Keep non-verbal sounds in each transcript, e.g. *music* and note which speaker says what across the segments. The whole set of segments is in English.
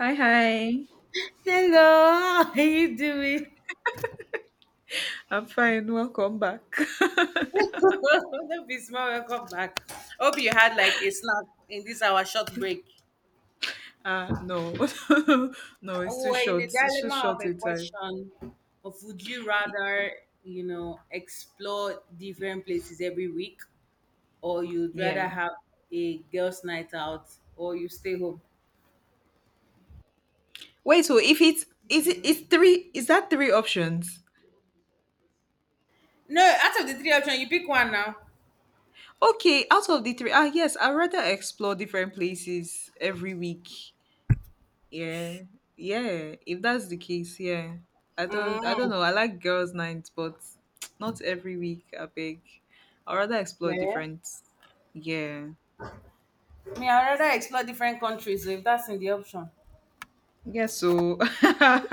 Speaker 1: Hi, hi.
Speaker 2: Hello, how are you doing?
Speaker 1: I'm fine. Welcome back. *laughs*
Speaker 2: *laughs* Don't be small, welcome back. Hope you had like a snack in this our short break.
Speaker 1: No, *laughs* no, it's too
Speaker 2: We are in
Speaker 1: short.
Speaker 2: a
Speaker 1: It's too
Speaker 2: dilemma of
Speaker 1: short
Speaker 2: a
Speaker 1: in time.
Speaker 2: question of would you
Speaker 1: Y-
Speaker 2: rather, you know, explore different places every week or you'd rather
Speaker 1: Yeah.
Speaker 2: have a girls' night out or you stay home?
Speaker 1: Wait. So if it's is it is three? Is that three options?
Speaker 2: No, out of the three options, you pick one now.
Speaker 1: Okay. Out of the three, yes, I rather explore different places every week. Yeah, yeah. If that's the case, yeah. I don't. I don't
Speaker 2: Mm,
Speaker 1: know. I like girls' nights, but *tsk* not every week. I beg. I rather explore
Speaker 2: yeah.
Speaker 1: different. Yeah.
Speaker 2: Me, I'd rather explore different countries so if that's in the option.
Speaker 1: Yeah, so *laughs*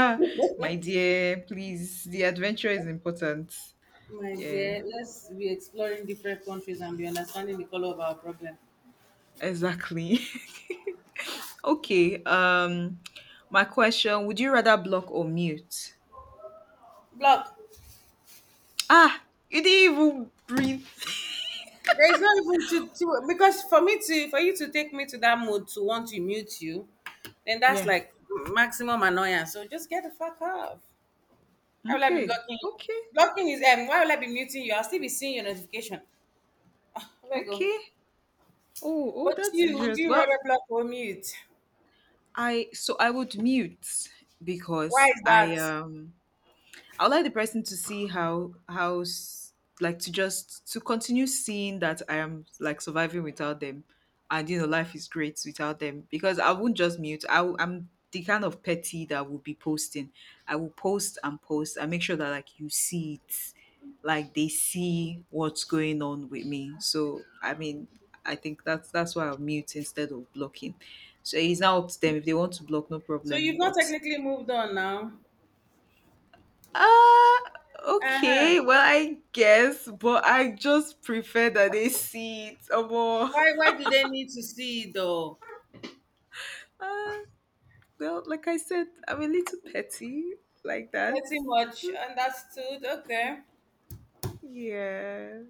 Speaker 1: my
Speaker 2: *laughs*
Speaker 1: dear, please, the adventure is important.
Speaker 2: My
Speaker 1: Yeah,
Speaker 2: dear, let's be exploring different countries and be understanding the color of our problem.
Speaker 1: exactly. *laughs* Okay. My question: would you rather block or mute?
Speaker 2: Block.
Speaker 1: Ah, you didn't even breathe.
Speaker 2: There is not even to because for me to for you to take me to that mood to want to mute you, then that's
Speaker 1: Yeah.
Speaker 2: like maximum annoyance. So just get the fuck off. Why will I be
Speaker 1: Okay.
Speaker 2: blocking you?
Speaker 1: Okay.
Speaker 2: Blocking is Why will I be muting you? I'll still be seeing your notification. Where I go?
Speaker 1: Okay. Oh, oh,
Speaker 2: But
Speaker 1: that's
Speaker 2: you, do
Speaker 1: interesting.
Speaker 2: you
Speaker 1: Well,
Speaker 2: rather block or mute?
Speaker 1: I so I would mute
Speaker 2: Why
Speaker 1: because
Speaker 2: is
Speaker 1: I
Speaker 2: that?
Speaker 1: um I would like the person to see like to just to continue seeing that I am like surviving without them, and life is great without them because I won't just mute. I'm the kind of petty that will be posting. I will post and post and make sure that like you see it, like they see what's going on with me. So I mean. I think that's why I'll mute instead of blocking. So it's now up to them. If they want to block, no
Speaker 2: So
Speaker 1: problem.
Speaker 2: you've not
Speaker 1: But
Speaker 2: technically moved on now.
Speaker 1: uh
Speaker 2: Uh
Speaker 1: okay.
Speaker 2: huh.
Speaker 1: Well, I guess, but I just prefer that they see it or more.
Speaker 2: Why? Why do they need to see it though?
Speaker 1: Uh, well, like I said, I'm a little petty like that.
Speaker 2: Pretty much understood. Okay.
Speaker 1: Yeah.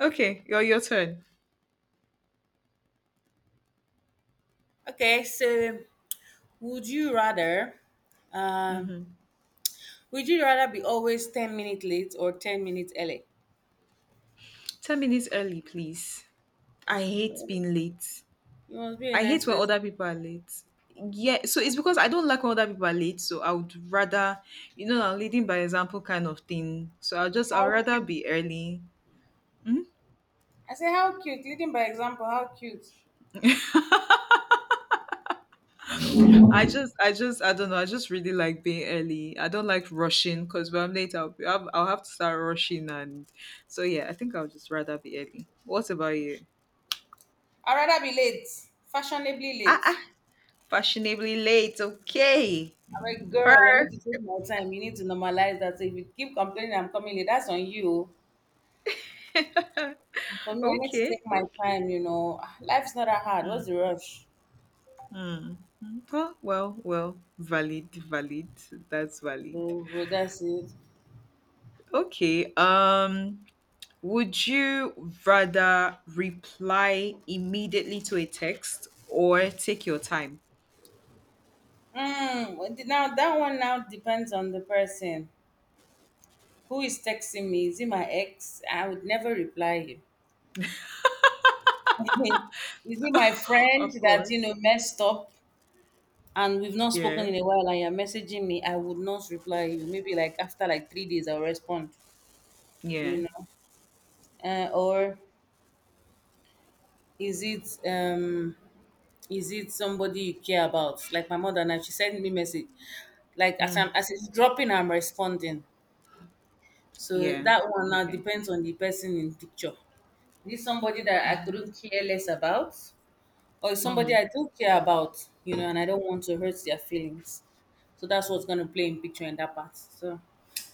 Speaker 1: Okay, your turn.
Speaker 2: Okay. So, would you rather, um,
Speaker 1: Mm-hmm.
Speaker 2: would you rather be always 10 minutes late or 10 minutes early?
Speaker 1: 10 minutes early, please. I hate being late.
Speaker 2: You must be a
Speaker 1: I hate
Speaker 2: nice
Speaker 1: when other
Speaker 2: person.
Speaker 1: people are late. Yeah, so it's because I don't like when other people are late, so I would rather, I'm leading by example kind of thing. So I'll just, I'd
Speaker 2: How
Speaker 1: rather
Speaker 2: cute!
Speaker 1: be early. Mhm.
Speaker 2: I say how cute. Leading by example. How cute.
Speaker 1: I don't know. I just really like being early. I don't like rushing because when I'm late, I'll have to start rushing. And so, yeah, I think I'll just rather be early. What about you?
Speaker 2: I'd rather be late, fashionably
Speaker 1: Ah,
Speaker 2: late.
Speaker 1: ah Fashionably late. Okay.
Speaker 2: I'm a girl. I
Speaker 1: Per-
Speaker 2: need to take my time. You need to normalize that. So if you keep complaining, I'm coming late. That's on you. For me, I need to
Speaker 1: Okay.
Speaker 2: take my
Speaker 1: Okay.
Speaker 2: time. You know, ah, life's not that hard. What's the rush?
Speaker 1: Well, well, well, valid, valid. That's valid.
Speaker 2: So, well, that's it.
Speaker 1: Okay. Would you rather reply immediately to a text or take your time?
Speaker 2: Mm, well, now that one now depends on the person. Who is texting me? Is it my ex? I would never reply you. *laughs* Is it my friend
Speaker 1: Of
Speaker 2: that you
Speaker 1: course.
Speaker 2: know messed up and we've not spoken
Speaker 1: Yeah.
Speaker 2: in a while and you're messaging me? I would not reply you. Maybe like after like 3 days I'll respond. You
Speaker 1: Yeah.
Speaker 2: know, or is it um is it somebody you care about? Like my mother now, she sent me message. Like as
Speaker 1: Mm,
Speaker 2: I'm as it's dropping, I'm responding. So
Speaker 1: yeah.
Speaker 2: that one now
Speaker 1: Okay.
Speaker 2: depends on the person in picture. Is it somebody that I couldn't care less about? Or is somebody
Speaker 1: Mm,
Speaker 2: I do care about, you know, and I don't want to hurt their feelings. So that's what's gonna play in picture in that part. So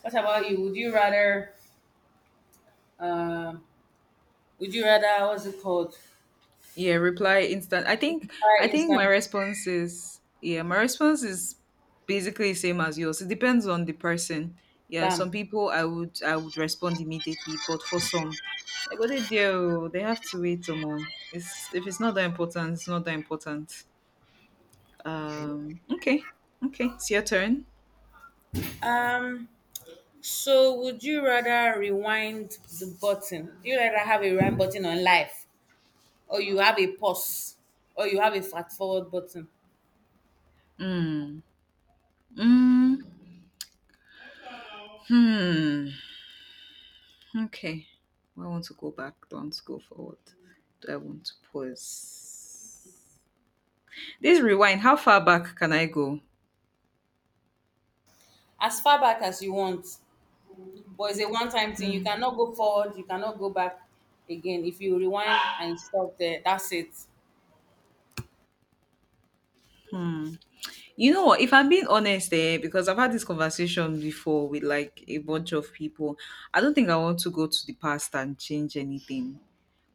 Speaker 2: what about you? Um would you rather what's it called?
Speaker 1: yeah. Reply instant.
Speaker 2: Fire
Speaker 1: I think my
Speaker 2: instant
Speaker 1: response is yeah. My response is basically same as yours. It depends on the person. Yeah. Some
Speaker 2: bam.
Speaker 1: people I would respond immediately, but for some, like what they do, they have to wait some more. It's if it's not that important, it's not that important. Okay. Okay. It's your turn.
Speaker 2: Um so would you rather rewind the button? Do you rather have a rewind button on life? Or you have a pause? Or you have a fast forward button?
Speaker 1: Mm. Mm. Hmm. Okay. Do I want to go back? Do I want to go forward? Do I want to pause? This rewind, how far back can I go?
Speaker 2: As far back as you want, but it's a one time thing. You cannot go forward, you cannot go back again. If you rewind and stop there, that's it.
Speaker 1: You know what? If I'm being honest, because I've had this conversation before with like a bunch of people, I don't think I want to go to the past and change anything.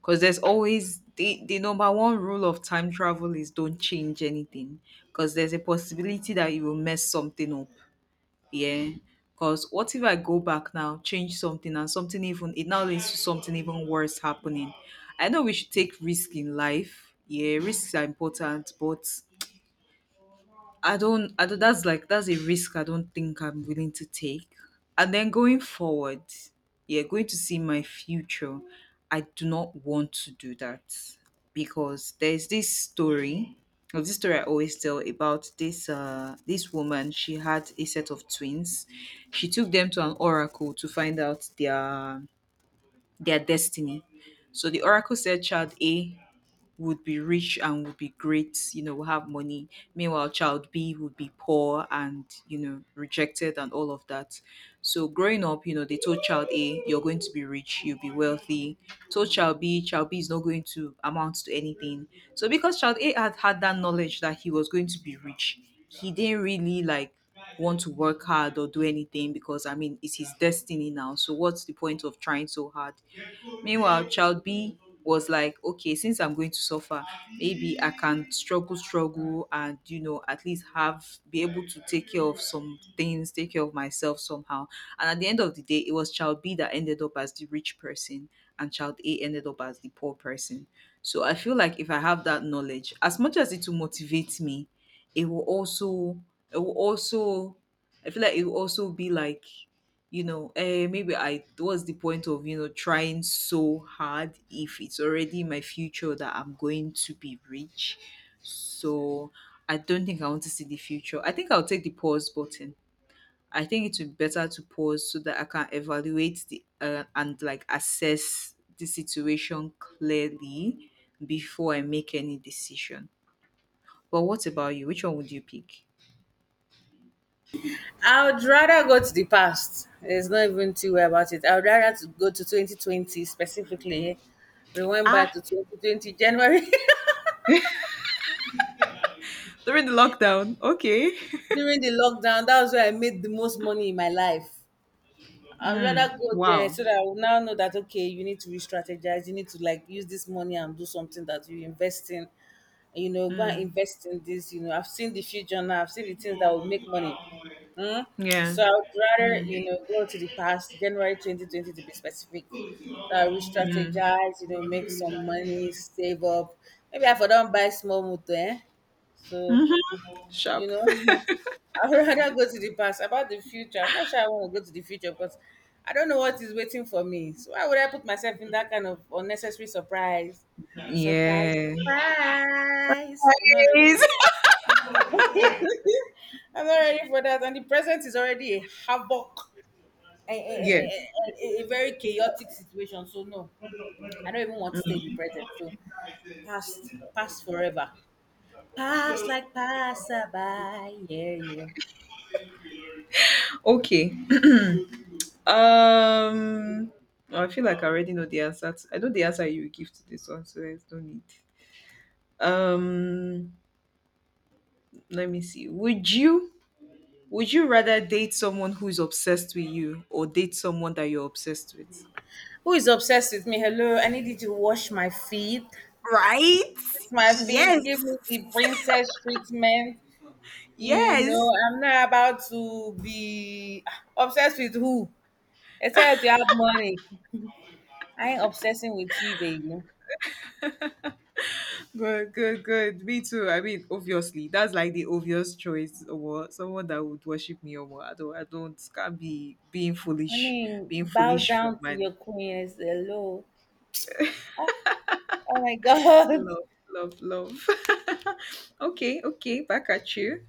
Speaker 1: Because there's always the number one rule of time travel is don't change anything. Because there's a possibility that you will mess something up, yeah, because what if I go back now, change something, and something, even it now leads to something even worse happening. I know we should take risk in life. Yeah, risks are important, but I don't, that's like, that's a risk I don't think I'm willing to take. And then going forward, yeah, going to see my future, I do not want to do that because there's this story, or this story I always tell about this woman. She had a set of twins. She took them to an oracle to find out their destiny. So the oracle said child A would be rich and would be great, you know, would have money. Meanwhile, child B would be poor and, you know, rejected and all of that. So growing up, you know, they told child A, you're going to be rich, you'll be wealthy. Told child B is not going to amount to anything. So because child A had had that knowledge that he was going to be rich, he didn't really like want to work hard or do anything because I mean it's his destiny now. So what's the point of trying so hard? Meanwhile, child B was like, okay, since I'm going to suffer, maybe I can struggle, struggle, and you know, at least have be able to take care of some things, take care of myself somehow. And at the end of the day, it was child B that ended up as the rich person, and child A ended up as the poor person. So I feel like if I have that knowledge, as much as it will motivate me, it will also, it will also, I feel like it will also be like, you know, eh, maybe I, what's the point of, you know, trying so hard if it's already in my future that I'm going to be rich? So I don't think I want to see the future. I think I'll take the pause button. I think it would be better to pause so that I can evaluate the and like assess the situation clearly before I make any decision. But what about you? Which one would you pick?
Speaker 2: I would rather go to the past. There's not even too way about it. I would rather to go to 2020 specifically, rewind
Speaker 1: ah
Speaker 2: back to 2020 january.
Speaker 1: During the lockdown, okay.
Speaker 2: *laughs* During the lockdown, that was where I made the most money in my life.
Speaker 1: *laughs*
Speaker 2: I'd rather
Speaker 1: Mm,
Speaker 2: go there
Speaker 1: wow.
Speaker 2: so that I will now know that okay, you need to re-strategize, you need to like use this money and do something that you invest in. You know, go and
Speaker 1: Mm.
Speaker 2: invest in this. You know, I've seen the future now. I've seen the things that will make money. Mm?
Speaker 1: Yeah.
Speaker 2: So I would rather, you
Speaker 1: Mm.
Speaker 2: know, go to the past, January 2020 to be specific.
Speaker 1: Mm.
Speaker 2: Re-strategize, you know, make some money, save up. Maybe I for don't buy small motor, eh? So
Speaker 1: Mhm.
Speaker 2: you
Speaker 1: Sharp.
Speaker 2: know. *laughs* I'd rather go to the past. About the future, I'm not sure I want to go to the future because I don't know what is waiting for me. So why would I put myself in that kind of unnecessary surprise? Surprise,
Speaker 1: Yeah.
Speaker 2: surprise, I'm not ready for
Speaker 1: Nice.
Speaker 2: that. I'm not ready for that. And the present is already a havoc, a, a,
Speaker 1: *laughs* yeah.
Speaker 2: a, a, a very chaotic situation. So no, I don't even want to stay in the present. So past, past forever. Past like passerby, yeah, yeah.
Speaker 1: Okay. Um. Oh, I feel like I already know the answer. To, I know the answer you will give to this one, so there's no need. Um. Let me see. would you rather date someone who is obsessed with you or date someone that you're obsessed with?
Speaker 2: Who is obsessed with me? Hello, I need you to wash my feet.
Speaker 1: Right.
Speaker 2: It's my feet.
Speaker 1: Yes.
Speaker 2: Give me the princess treatment. You
Speaker 1: Yes.
Speaker 2: know, I'm not about to be obsessed with who? Except you have money. I ain't obsessing with you, baby.
Speaker 1: Good, good, good. Me too. I mean, obviously, that's like the obvious choice or what? Someone that would worship me or what. I don't, I don't, can't be
Speaker 2: I mean,
Speaker 1: being
Speaker 2: bow
Speaker 1: foolish for
Speaker 2: down to
Speaker 1: man.
Speaker 2: your queen. It's hello. Oh, oh my *laughs* god.
Speaker 1: Love, love, love. *laughs* okay, okay. Back at you.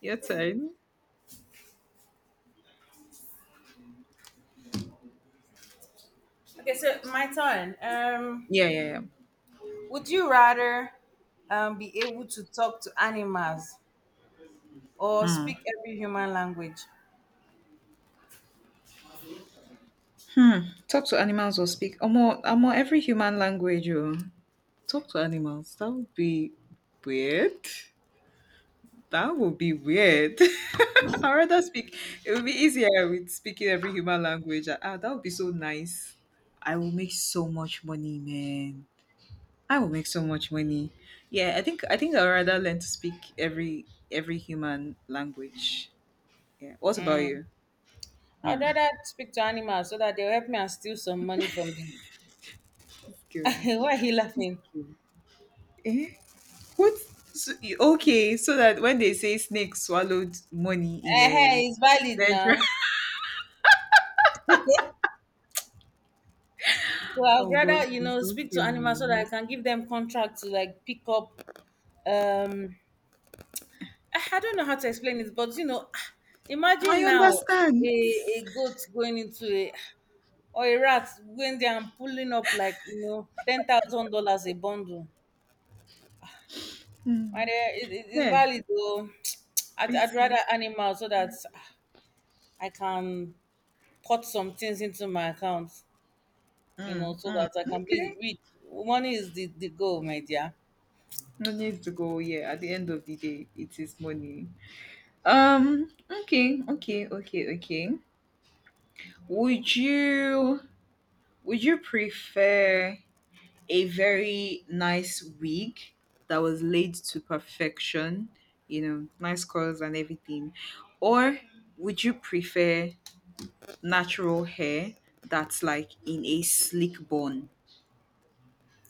Speaker 1: Your turn.
Speaker 2: Okay, so my turn.
Speaker 1: Yeah, yeah, yeah.
Speaker 2: Would you rather be able to talk to animals or
Speaker 1: Hmm.
Speaker 2: speak every human language?
Speaker 1: Talk to animals or speak. Almost every human language. Oh. Talk to animals. That would be weird. That would be weird. *laughs* I'd rather speak. It would be easier with speaking every human language. That would be so nice. I will make so much money, man. I will make so much money. Yeah, I think I'd rather learn to speak every human language. Yeah. What about you?
Speaker 2: I'd
Speaker 1: Mm.
Speaker 2: rather speak to animals so that they'll help me and steal some money from them. *laughs*
Speaker 1: Girl,
Speaker 2: Why are you laughing?
Speaker 1: girl. Eh? What? So, okay, so that when they say snake swallowed money in
Speaker 2: Eh,
Speaker 1: a
Speaker 2: hey, it's valid
Speaker 1: Central. *laughs*
Speaker 2: now. So I'd
Speaker 1: Oh God,
Speaker 2: rather, you
Speaker 1: please
Speaker 2: know,
Speaker 1: don't
Speaker 2: speak to
Speaker 1: kill
Speaker 2: animals so that
Speaker 1: me.
Speaker 2: I can give them contract to like pick up. Um, I don't know how to explain it, but you know, *sighs*
Speaker 1: I
Speaker 2: imagine now a,
Speaker 1: understand.
Speaker 2: a goat going into a or a rat going there and pulling up like you know $10,000 a bundle.
Speaker 1: Mm.
Speaker 2: My dear, it's
Speaker 1: Yeah,
Speaker 2: valid though. *tsk* I'd,
Speaker 1: it
Speaker 2: I'd rather
Speaker 1: is.
Speaker 2: animals so that I can put some things into my account, you know,
Speaker 1: Mm,
Speaker 2: so
Speaker 1: mm,
Speaker 2: that I can be
Speaker 1: okay.
Speaker 2: rich. Money is the goal, my dear.
Speaker 1: No need to go. Yeah, at the end of the day, it is money. Um. Okay. Okay. Okay. Okay. Would you Would you prefer a very nice wig that was laid to perfection? You know, nice curls and everything, or would you prefer natural hair that's like in a slick bun?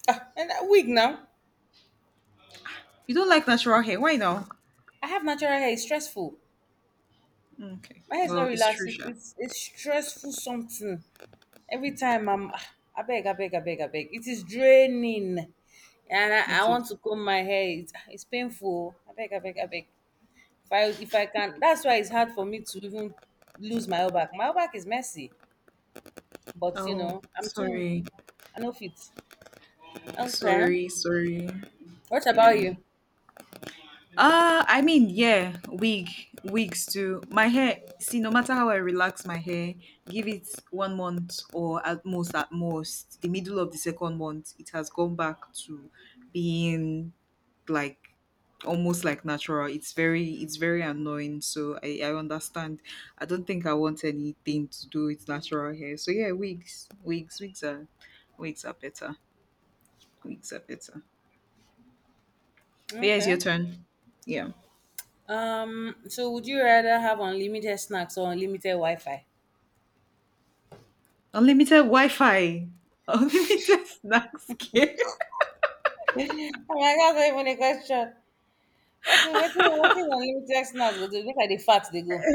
Speaker 2: Ah, and that wig now.
Speaker 1: You don't like natural hair, why now?
Speaker 2: I have natural hair. It's stressful.
Speaker 1: Okay.
Speaker 2: My hair is not
Speaker 1: Well, it's
Speaker 2: relaxed.
Speaker 1: Trisha.
Speaker 2: It's stressful something. Every time I'm, ah, I beg. It is draining. And I
Speaker 1: It is.
Speaker 2: want to comb my hair. It's, ah, it's painful. I beg. If I can, that's why it's hard for me to even lose my back. My back is messy. But, you
Speaker 1: Oh,
Speaker 2: know, I'm too,
Speaker 1: sorry,
Speaker 2: I know fit. Okay.
Speaker 1: sorry, sorry.
Speaker 2: What
Speaker 1: Yeah.
Speaker 2: about you?
Speaker 1: I mean, yeah, wigs too. My hair. See, no matter how I relax my hair, give it 1 month or at most, the middle of the second month, it has gone back to being like almost like natural. It's very annoying, so I understand. I don't think I want anything to do with natural hair. So yeah, wigs are better. Wigs are better. But yeah, it's
Speaker 2: Okay.
Speaker 1: your turn. Yeah.
Speaker 2: So, would you rather have unlimited snacks or unlimited Wi-Fi?
Speaker 1: Unlimited wi-fi, unlimited *laughs* snacks care.
Speaker 2: Oh my God, that's not even a question. What is unlimited snacks go do? Look at the fat they go.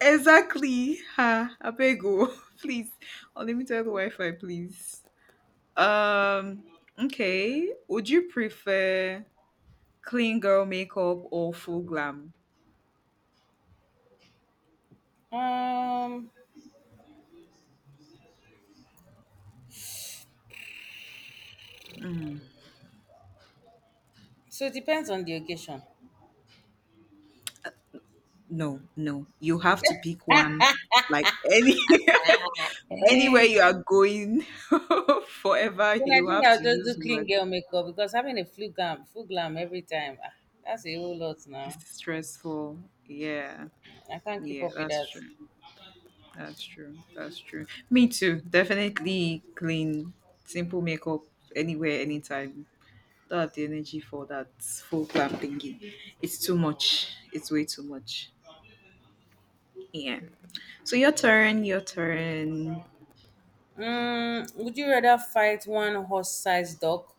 Speaker 1: Exactly, ha, abego, *laughs* please. Unlimited wi-fi, please. um okay, would you prefer clean girl makeup or full glam?
Speaker 2: Um. So it depends on the occasion.
Speaker 1: No, no. You have to pick one. Like any *laughs* anywhere
Speaker 2: Eh.
Speaker 1: you are going *laughs* forever,
Speaker 2: Then I
Speaker 1: you
Speaker 2: think
Speaker 1: have
Speaker 2: I'll
Speaker 1: to
Speaker 2: just
Speaker 1: use
Speaker 2: do clean
Speaker 1: one.
Speaker 2: girl makeup because having a full glam, every time, ah, that's a whole lot now.
Speaker 1: It's stressful. Yeah.
Speaker 2: I can't keep
Speaker 1: Yeah,
Speaker 2: up with
Speaker 1: that's
Speaker 2: that.
Speaker 1: true. That's true. That's true. Me too. Definitely clean, simple makeup anywhere, anytime. Don't have the energy for that full glam thingy. It's too much. It's way too much. Yeah. So your turn.
Speaker 2: Mm, would you rather fight one horse-sized dog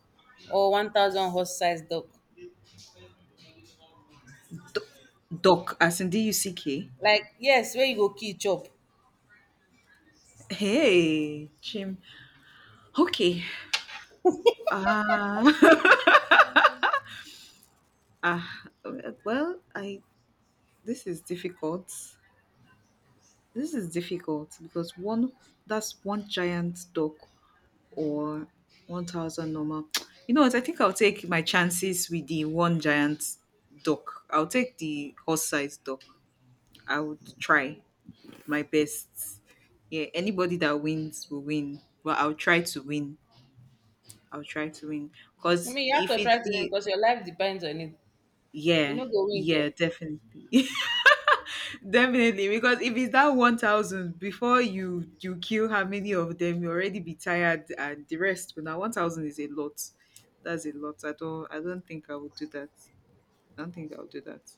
Speaker 2: or 1,000 horse-sized dog?
Speaker 1: D- Doc, as in duck.
Speaker 2: Like, yes, where you go key chop. I
Speaker 1: Hey, Jim. Okay. Ah. *laughs* ah. Well, I. This is difficult. This is difficult because one. That's one giant duck, or 1,000 normal. You know what? I think I'll take my chances with the one giant duck. I'll take the horse sized duck. I would try my best. Yeah, anybody that wins will win. But I'll try to win. I'll try to win. Because
Speaker 2: mean, you have
Speaker 1: if
Speaker 2: to try
Speaker 1: it's
Speaker 2: to win
Speaker 1: the,
Speaker 2: because your life depends on it. You
Speaker 1: yeah,
Speaker 2: know, go win care.
Speaker 1: yeah, definitely. *laughs* definitely. Because if it's that 1,000, before you kill how many of them, you already be tired and the rest. But now 1,000 is a lot. That's a lot. I don't think I would do that. I don't think I'll do that.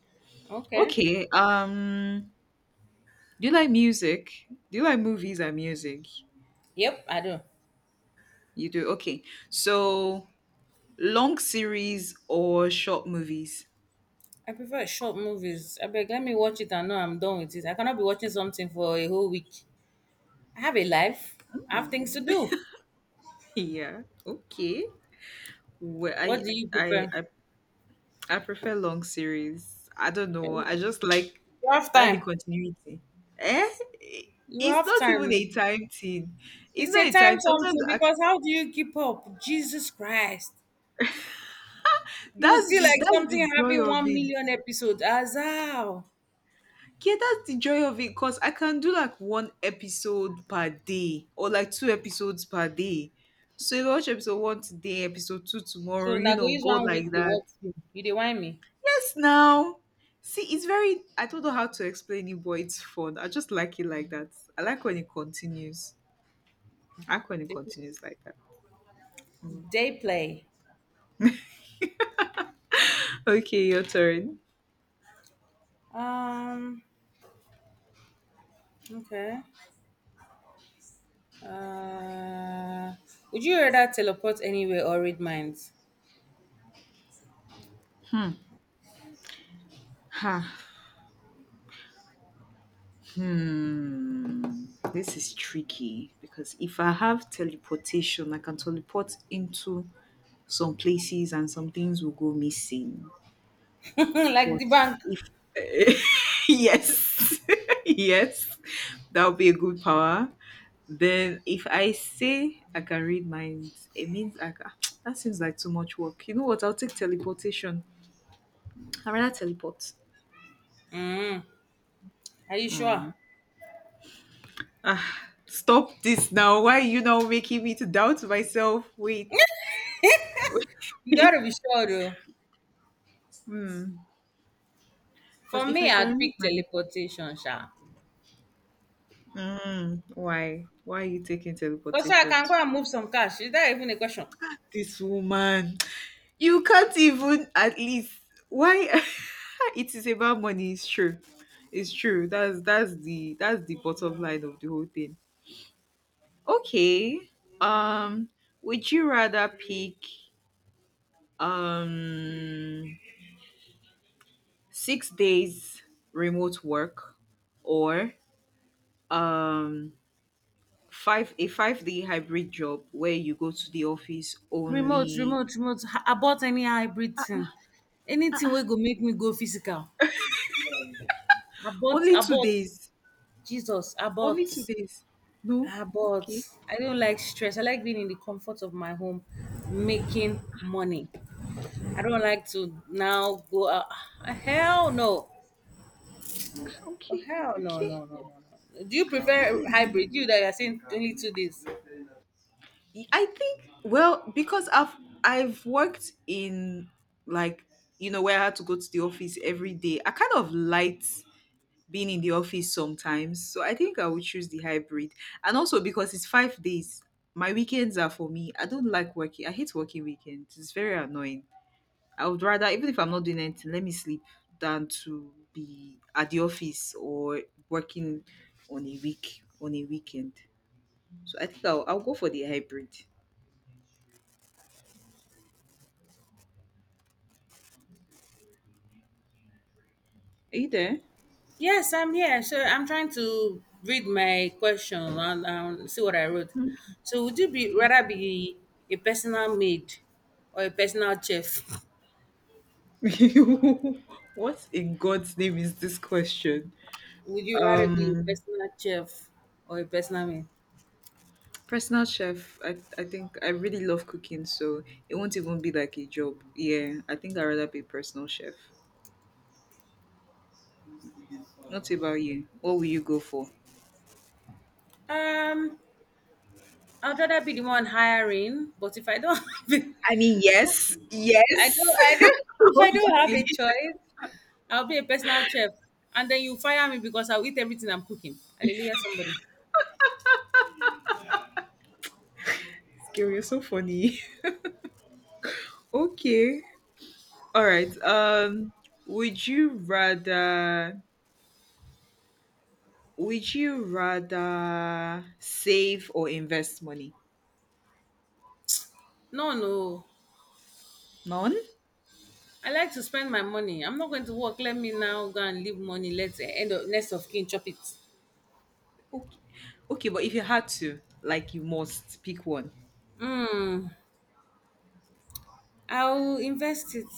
Speaker 2: Okay.
Speaker 1: Okay. Do you like music? Do you like movies and music?
Speaker 2: Yep, I do.
Speaker 1: You do. Okay. So long series or short movies?
Speaker 2: I prefer short movies. I beg, let me watch it and know I'm done with it. I cannot be watching something for a whole week. I have a life. I have things to do.
Speaker 1: Yeah. Okay. Well,
Speaker 2: What
Speaker 1: I,
Speaker 2: do you
Speaker 1: I
Speaker 2: prefer?
Speaker 1: I I prefer long series. I don't know. I just like
Speaker 2: You have
Speaker 1: I like the
Speaker 2: time.
Speaker 1: continuity. Eh?
Speaker 2: You
Speaker 1: It's
Speaker 2: have
Speaker 1: not even
Speaker 2: time.
Speaker 1: a time thing. It's
Speaker 2: It's
Speaker 1: not
Speaker 2: a
Speaker 1: a
Speaker 2: time
Speaker 1: time. Sometimes
Speaker 2: something because how do you keep up? Jesus Christ. You will
Speaker 1: that's
Speaker 2: see
Speaker 1: the
Speaker 2: like
Speaker 1: that's the
Speaker 2: something
Speaker 1: joy
Speaker 2: having
Speaker 1: of
Speaker 2: one
Speaker 1: it.
Speaker 2: million episodes. As
Speaker 1: Yeah, that's the joy of it. Cause I can do like one episode per day or like two episodes per day. So if I watch episode one today, episode two
Speaker 2: so
Speaker 1: tomorrow,
Speaker 2: na
Speaker 1: you
Speaker 2: go
Speaker 1: know,
Speaker 2: use
Speaker 1: go
Speaker 2: 1 week
Speaker 1: like
Speaker 2: dey
Speaker 1: that.
Speaker 2: work film. You dey whine me?
Speaker 1: Yes, now. See, it's very. I don't know how to explain it, but it's fun. I just like it like that. I like when it continues. I like when it
Speaker 2: Dey play.
Speaker 1: continues like that. Mm.
Speaker 2: Day play.
Speaker 1: Okay, your turn.
Speaker 2: Um. Okay. Uh, would you rather teleport anywhere or read minds?
Speaker 1: Ha. Hmm. This is tricky because if I have teleportation, I can teleport into some places and some things will go missing.
Speaker 2: *laughs* Like
Speaker 1: But
Speaker 2: the bank.
Speaker 1: if *laughs* yes *laughs* yes, that would be a good power. Then if I say I can read minds, it means I can *tsk* that seems like too much work. You know what, I'll take teleportation. I'd rather teleport.
Speaker 2: Mm, are you sure?
Speaker 1: Mm. Ah, stop this now. Why are you now making me to doubt myself? Wait.
Speaker 2: You
Speaker 1: *laughs*
Speaker 2: gotta be sure though.
Speaker 1: Because
Speaker 2: For
Speaker 1: if I
Speaker 2: me, I'd
Speaker 1: can read
Speaker 2: pick
Speaker 1: minds.
Speaker 2: teleportation, sha.
Speaker 1: Mm, why are you taking
Speaker 2: Because I
Speaker 1: teleportation
Speaker 2: can go
Speaker 1: to
Speaker 2: and move some cash. Is that even a question?
Speaker 1: this woman. You can't even at least why. *laughs* It is about money. It's true. It's true. That's the bottom line of the whole thing. Okay. Um would you rather pick, um 6 days remote work, or um 5 day hybrid job where you go to the office
Speaker 2: Remote,
Speaker 1: only
Speaker 2: remote. Abort any hybrid thing. Anything will go make me go physical.
Speaker 1: only two
Speaker 2: Abort.
Speaker 1: days.
Speaker 2: Jesus, abort.
Speaker 1: Only 2 days. No?
Speaker 2: Ah, but
Speaker 1: Okay.
Speaker 2: I don't like stress. I like being in the comfort of my home, making money. I don't like to now go out. Ah, hell no. Oh,
Speaker 1: Okay.
Speaker 2: hell no,
Speaker 1: Okay.
Speaker 2: no. Do you
Speaker 1: It
Speaker 2: prefer
Speaker 1: is.
Speaker 2: hybrid? You that are saying only 2 days.
Speaker 1: Y- I think, well, because I've worked in like, you know, where I had to go to the office every day. I kind of liked being in the office sometimes, so I think I would choose the hybrid. And also because it's 5 days, my weekends are for me. I don't like working. I hate working weekends. It's very annoying. I would rather even if I'm not doing anything, let me sleep than to be at the office or working on a weekend. So I think I'll go for the hybrid. Are you there?
Speaker 2: Yes, I'm here. So I'm trying to read my question and see what I wrote.
Speaker 1: Okay.
Speaker 2: So would you be rather be a personal maid or a personal chef?
Speaker 1: *laughs* What in God's name is this question?
Speaker 2: Would you rather be a
Speaker 1: Um,
Speaker 2: personal chef or a personal maid?
Speaker 1: Personal chef. I think I really love cooking, so it won't even be like a job. Yeah, I think I'd rather be a personal chef. What about you? What will you go for?
Speaker 2: Um, I'd rather be the one hiring, but if I don't *laughs* have it,
Speaker 1: I mean, yes, yes,
Speaker 2: I don't,
Speaker 1: *laughs*
Speaker 2: if I don't have
Speaker 1: obviously.
Speaker 2: a choice, I'll be a personal chef. And then you fire me because I'll eat everything I'm cooking. Hallelujah, somebody.
Speaker 1: Scary, you're so funny. *laughs* Okay, all right. Would you rather? Would you rather save or invest money?
Speaker 2: No, no.
Speaker 1: None?
Speaker 2: I like to spend my money. I'm not going to work. Let me now go and leave money. Let's end up next of kin chop it.
Speaker 1: Okay. Okay, but if you had to, like you must pick one.
Speaker 2: Hmm. I'll invest it.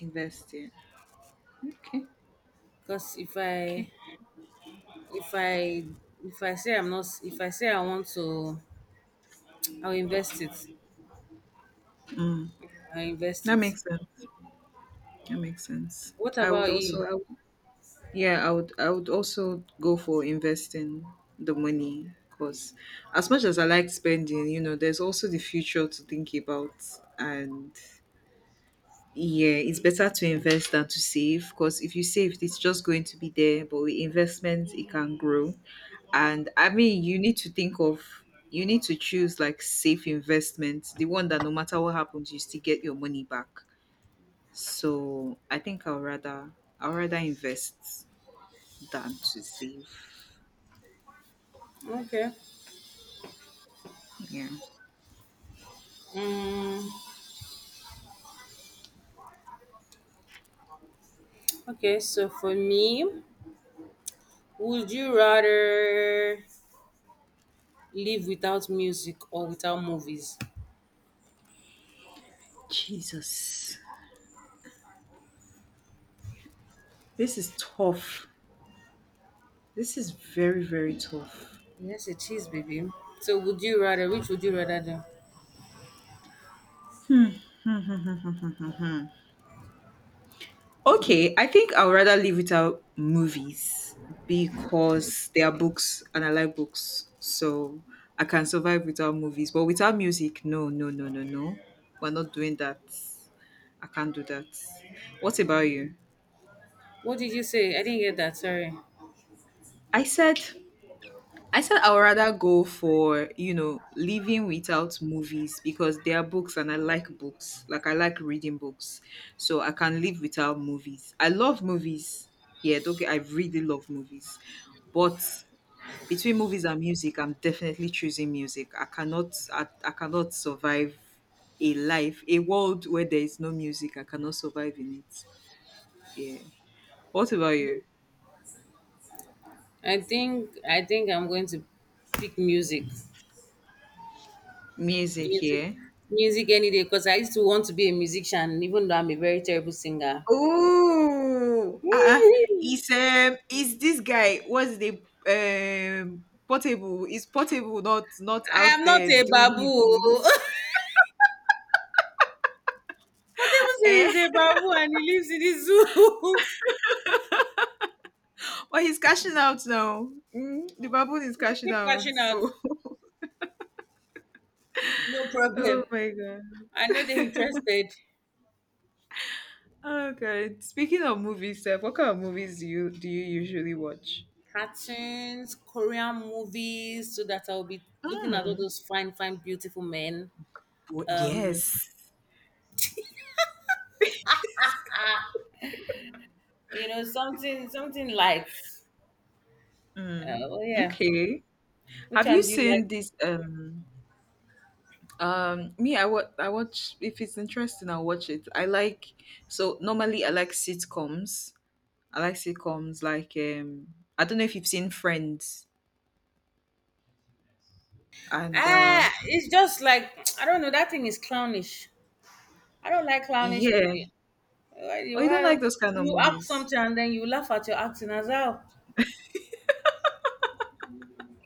Speaker 1: Invest, yeah. Okay.
Speaker 2: Cause if
Speaker 1: Okay.
Speaker 2: I if I if I say I'm not if I say I want to I'll invest it.
Speaker 1: Mm,
Speaker 2: I'll invest
Speaker 1: that
Speaker 2: it.
Speaker 1: makes sense. That makes sense.
Speaker 2: What
Speaker 1: I would
Speaker 2: about
Speaker 1: also
Speaker 2: you?
Speaker 1: I would, yeah, I would also go for investing the money, because as much as I like spending, you know, there's also the future to think about. And yeah, it's better to invest than to save, because if you save, it's just going to be there. But with investment, it can grow. And I mean, you need to think of, you need to choose like safe investment, the one that no matter what happens, you still get your money back. So I think I'll rather invest than to save.
Speaker 2: Okay.
Speaker 1: Yeah.
Speaker 2: Mm, okay, so for me, would you rather live without music or without movies?
Speaker 1: Jesus. This is tough. This is very, very tough.
Speaker 2: Yes, it is, baby. So would you rather which would you rather do?
Speaker 1: *laughs* Okay, I think I would rather live without movies, because they are books and I like books. So I can survive without movies. But without music, no, no, no, no, no. We're not doing that. I can't do that. What about you?
Speaker 2: What did you say? I didn't get that, sorry.
Speaker 1: I said I said I would rather go for, you know, living without movies because there are books and I like books. Like I like reading books. So I can live without movies. I love movies. Yeah, okay. I really love movies. But between movies and music, I'm definitely choosing music. I cannot survive a life, a world where there is no music. I cannot survive in it. Yeah. What about you?
Speaker 2: I think I'm going to pick music.
Speaker 1: Music,
Speaker 2: Music,
Speaker 1: yeah.
Speaker 2: music any day because I used to want to be a musician even though I'm a very terrible singer.
Speaker 1: Oh,
Speaker 2: *laughs*
Speaker 1: uh-uh.
Speaker 2: I
Speaker 1: It's this guy. What's the portable? Is portable not out
Speaker 2: am not
Speaker 1: there
Speaker 2: a
Speaker 1: doing his
Speaker 2: babu.
Speaker 1: thing? *laughs*
Speaker 2: *laughs* Whatever
Speaker 1: Eh?
Speaker 2: series is a baboon and he lives in the zoo. *laughs*
Speaker 1: Well, he's cashing out now. Mm, the baboon is
Speaker 2: You should
Speaker 1: cashing
Speaker 2: keep
Speaker 1: out.
Speaker 2: cashing out.
Speaker 1: So,
Speaker 2: No
Speaker 1: *laughs* oh
Speaker 2: problem.
Speaker 1: my god.
Speaker 2: I know they're interested.
Speaker 1: Oh god. Speaking of movies, Steph, what kind of movies do you usually watch?
Speaker 2: Cartoons, Korean movies, so that I'll be looking at all
Speaker 1: Hmm.
Speaker 2: those fine, fine, beautiful men.
Speaker 1: Wh- Yes.
Speaker 2: Something, something light.
Speaker 1: Mm.
Speaker 2: Oh yeah.
Speaker 1: Okay.
Speaker 2: Which
Speaker 1: Have you
Speaker 2: one do you like?
Speaker 1: seen this? Me, I watch. I watch if it's interesting. I'll watch it. I like, so normally I like sitcoms. I like sitcoms like I don't know if you've seen Friends, and uh,
Speaker 2: Ah, it's just like *tsk* I don't know. That thing is clownish. I don't like clownish
Speaker 1: yeah.
Speaker 2: movie. Why?
Speaker 1: Oh, you don't
Speaker 2: Why?
Speaker 1: like those kind of
Speaker 2: You act
Speaker 1: movies.
Speaker 2: something and then you laugh at your acting as well.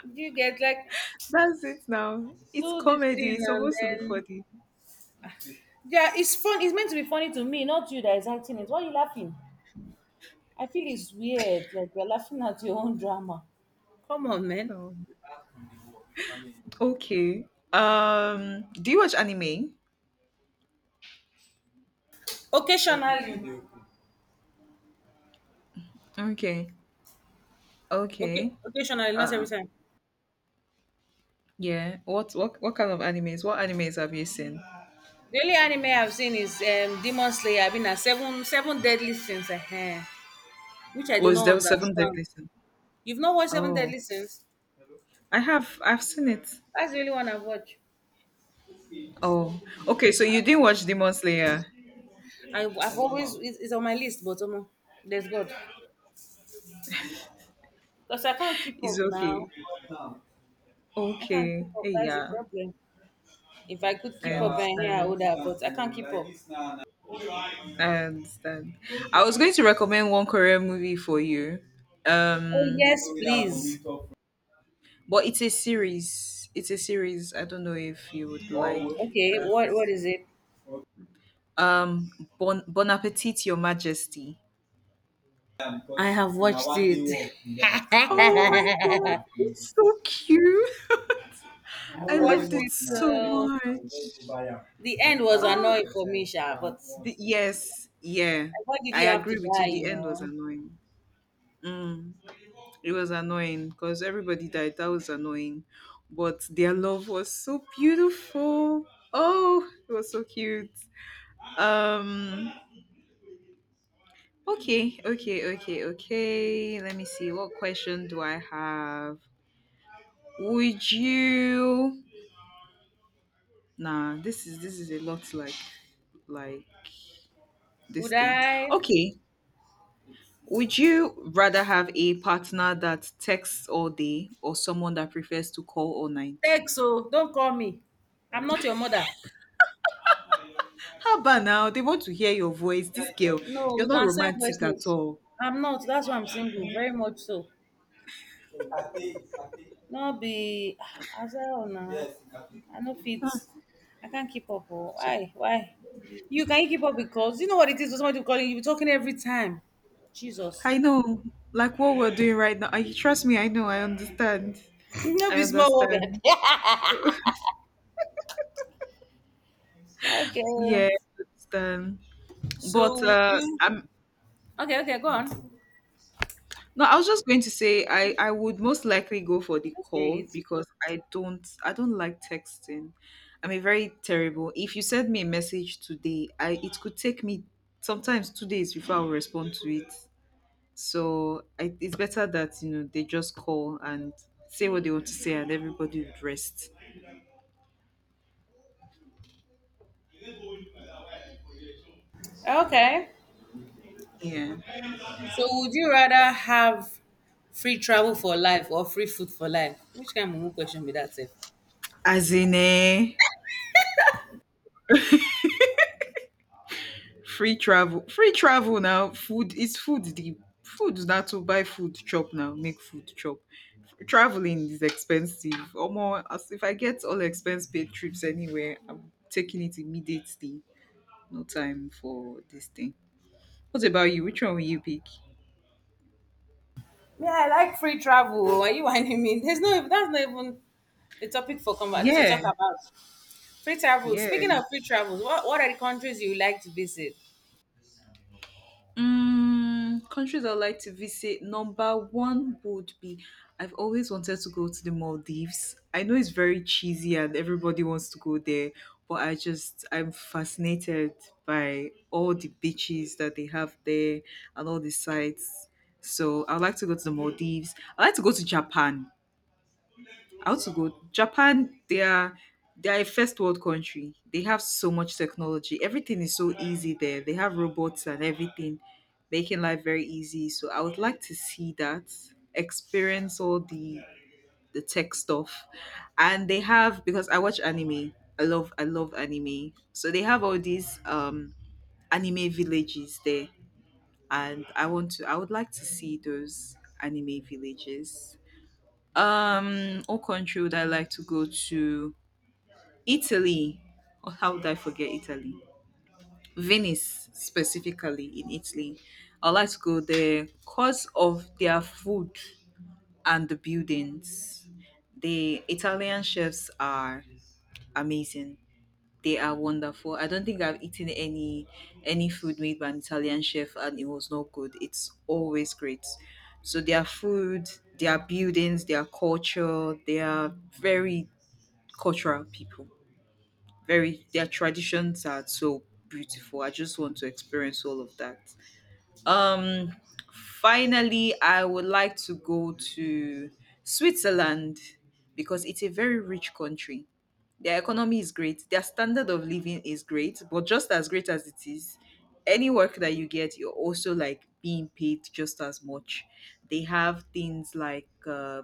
Speaker 2: Do you get like,
Speaker 1: That's it now. It's
Speaker 2: do this
Speaker 1: comedy.
Speaker 2: thing
Speaker 1: It's
Speaker 2: and
Speaker 1: supposed to be
Speaker 2: then,
Speaker 1: funny.
Speaker 2: yeah, it's fun. It's meant to be funny to me, not you that is acting it. Why are you laughing? I feel it's weird, like you're laughing at your own drama. Come on, man.
Speaker 1: Oh, okay. Do you watch anime?
Speaker 2: Occasionally.
Speaker 1: Okay.
Speaker 2: Okay,
Speaker 1: Okay.
Speaker 2: occasionally, not
Speaker 1: Uh,
Speaker 2: every time.
Speaker 1: yeah. What kind of animes? What animes have you seen?
Speaker 2: The only anime I've seen is Demon Slayer. I've been at Seven Deadly Sins, which I do
Speaker 1: Was
Speaker 2: not
Speaker 1: there seven
Speaker 2: understand.
Speaker 1: deadly sins?
Speaker 2: You've not watched Seven
Speaker 1: Oh.
Speaker 2: Deadly Sins?
Speaker 1: I've seen it.
Speaker 2: That's the only one I've watched.
Speaker 1: Oh, okay. So you didn't watch Demon Slayer.
Speaker 2: I've always, it's on my list, but there's god because I can't keep
Speaker 1: It's
Speaker 2: up now.
Speaker 1: okay.
Speaker 2: I can't
Speaker 1: Okay.
Speaker 2: keep up.
Speaker 1: Hey,
Speaker 2: That's the
Speaker 1: yeah.
Speaker 2: problem. If I could
Speaker 1: I
Speaker 2: keep up and here, I
Speaker 1: understand.
Speaker 2: would have, but I can't keep up.
Speaker 1: I understand. I was going to recommend one Korean movie for you.
Speaker 2: Oh,
Speaker 1: Um,
Speaker 2: yes, please.
Speaker 1: but it's a series. It's a series. I don't know if you would like
Speaker 2: Okay,
Speaker 1: that.
Speaker 2: what is it?
Speaker 1: Um, Bon Bon Appetit, Your Majesty. Oh my god, it's
Speaker 2: *laughs*
Speaker 1: so cute. *laughs*
Speaker 2: I've
Speaker 1: I
Speaker 2: watched
Speaker 1: loved it
Speaker 2: it.
Speaker 1: so much.
Speaker 2: The end was
Speaker 1: Ah.
Speaker 2: annoying for me, Sha, but
Speaker 1: Yes, yeah,
Speaker 2: why did
Speaker 1: I
Speaker 2: he have to
Speaker 1: agree with
Speaker 2: die,
Speaker 1: you. The
Speaker 2: you
Speaker 1: end was
Speaker 2: know?
Speaker 1: annoying. Mm, it was annoying because everybody died. That was annoying, but their love was so beautiful. Oh, it was so cute. Um. Okay. Okay. Okay. Okay. Let me see. What question do I have? Would you? Nah. This is a lot like like this
Speaker 2: Would
Speaker 1: thing.
Speaker 2: I?
Speaker 1: Okay. Would you rather have a partner that texts all day or someone that prefers to call all night?
Speaker 2: Text, so don't call me. I'm not your mother.
Speaker 1: How about now? They want to hear your voice. This girl,
Speaker 2: No,
Speaker 1: you're
Speaker 2: we
Speaker 1: not
Speaker 2: can send voice
Speaker 1: romantic at
Speaker 2: notes.
Speaker 1: all.
Speaker 2: I'm not. That's why I'm single. Very much so. No be *sighs* as well now. I no fit.
Speaker 1: Ah,
Speaker 2: I can't keep up. Oh.
Speaker 1: so-
Speaker 2: Why? Why? You keep up because you know what it is for somebody to call you. You be talking every time. Jesus.
Speaker 1: I know. Like what we're doing right now. I trust me, I know, I understand.
Speaker 2: *laughs* No
Speaker 1: I
Speaker 2: be small what.
Speaker 1: understand.
Speaker 2: *laughs* Okay.
Speaker 1: Yeah, I understand. But
Speaker 2: So would you?
Speaker 1: I'm
Speaker 2: Okay. Okay. Go on.
Speaker 1: no, I was just going to say I would most likely go for the
Speaker 2: Okay.
Speaker 1: call because I don't like texting. I'm a very terrible. If you send me a message today, I it could take me sometimes 2 days before I'll respond to it. So I, it's better that you know they just call and say what they want to say, and everybody would rest.
Speaker 2: Okay.
Speaker 1: Yeah,
Speaker 2: So would you rather have free travel for life or free food for life? Which kind of mumu question be that? Sef?
Speaker 1: as in eh. Free travel now. Food is food. The Food now to buy food chop now. Make food chop. Traveling is expensive. Or more, as if I get all expense paid trips anywhere, I'm taking it immediately. No time for this thing. What about you? Which one will you pick?
Speaker 2: Yeah, I like free travel. Are you whining me? There's no that's not even the topic for to talk
Speaker 1: Yeah,
Speaker 2: about. Free travel.
Speaker 1: yeah.
Speaker 2: Speaking of free travels, what are the countries you like to visit?
Speaker 1: Mm, countries I'd like to visit, number one would be, I've always wanted to go to the Maldives. I know it's very cheesy and everybody wants to go there, but I just, I'm fascinated by all the beaches that they have there and all the sites. So I'd like to go to the Maldives. I'd like to go to Japan. I want to go Japan. They are a first world country. They have so much technology. Everything is so easy there. They have robots and everything, making life very easy. So I would like to see that, experience all the tech stuff, and they have because I watch anime. I love anime. So they have all these anime villages there, and I would like to see those anime villages. What country would I like to go to? Italy. Oh, how would I forget Italy? Venice, specifically in Italy. I would like to go there because of their food and the buildings. The Italian chefs are amazing. They are wonderful. I don't think I've eaten any food made by an Italian chef and it was not good. It's always great. So their food, their buildings, their culture, they are very cultural people. Very, their traditions are so beautiful. I just want to experience all of that. Um, Finally, I would like to go to Switzerland because it's a very rich country. Their economy is great, their standard of living is great, but just as great as it is, any work that you get, you're also like being paid just as much. They have things like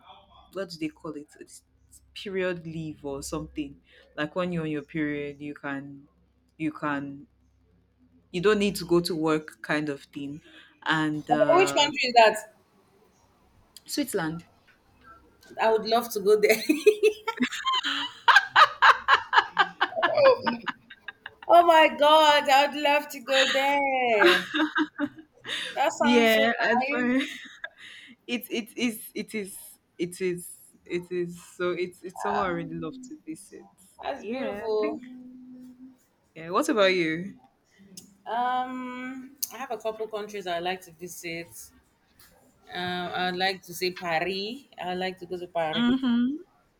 Speaker 1: what do they call it? It's period leave or something. Like when you're on your period, you can you don't need to go to work kind of thing and
Speaker 2: Okay, which country is that?
Speaker 1: Switzerland.
Speaker 2: I would love to go there. *laughs* Oh my god, I would love to go there. That sounds so
Speaker 1: Yeah, and for *laughs*
Speaker 2: nice.
Speaker 1: it is it is it is it is, so it's somewhere I really love to visit.
Speaker 2: That's
Speaker 1: Yeah, I
Speaker 2: beautiful.
Speaker 1: think. Yeah, what about you?
Speaker 2: I have a couple countries I'd like to visit. I'd like to say Paris. I'd like to go to Paris.
Speaker 1: Mm-hmm.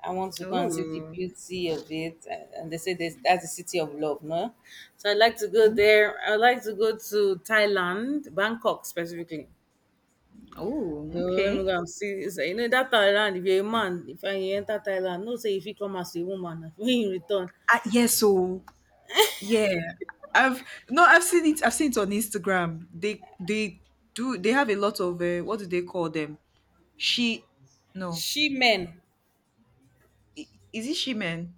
Speaker 2: I want to go and see the
Speaker 1: Oh.
Speaker 2: beauty of it. And they say this, that's the city of love, no? So I'd like to go there. I'd like to go to Thailand, Bangkok specifically.
Speaker 1: Oh,
Speaker 2: Let me
Speaker 1: okay.
Speaker 2: go and see. It's like, that Thailand, if you're a man, if I enter Thailand, no say if you come as a woman, *laughs* when you return,
Speaker 1: Yeah, so yeah, I've no, I've seen it on Instagram. They do they have a lot of what do they call them? She, no,
Speaker 2: she men.
Speaker 1: I- is it she men?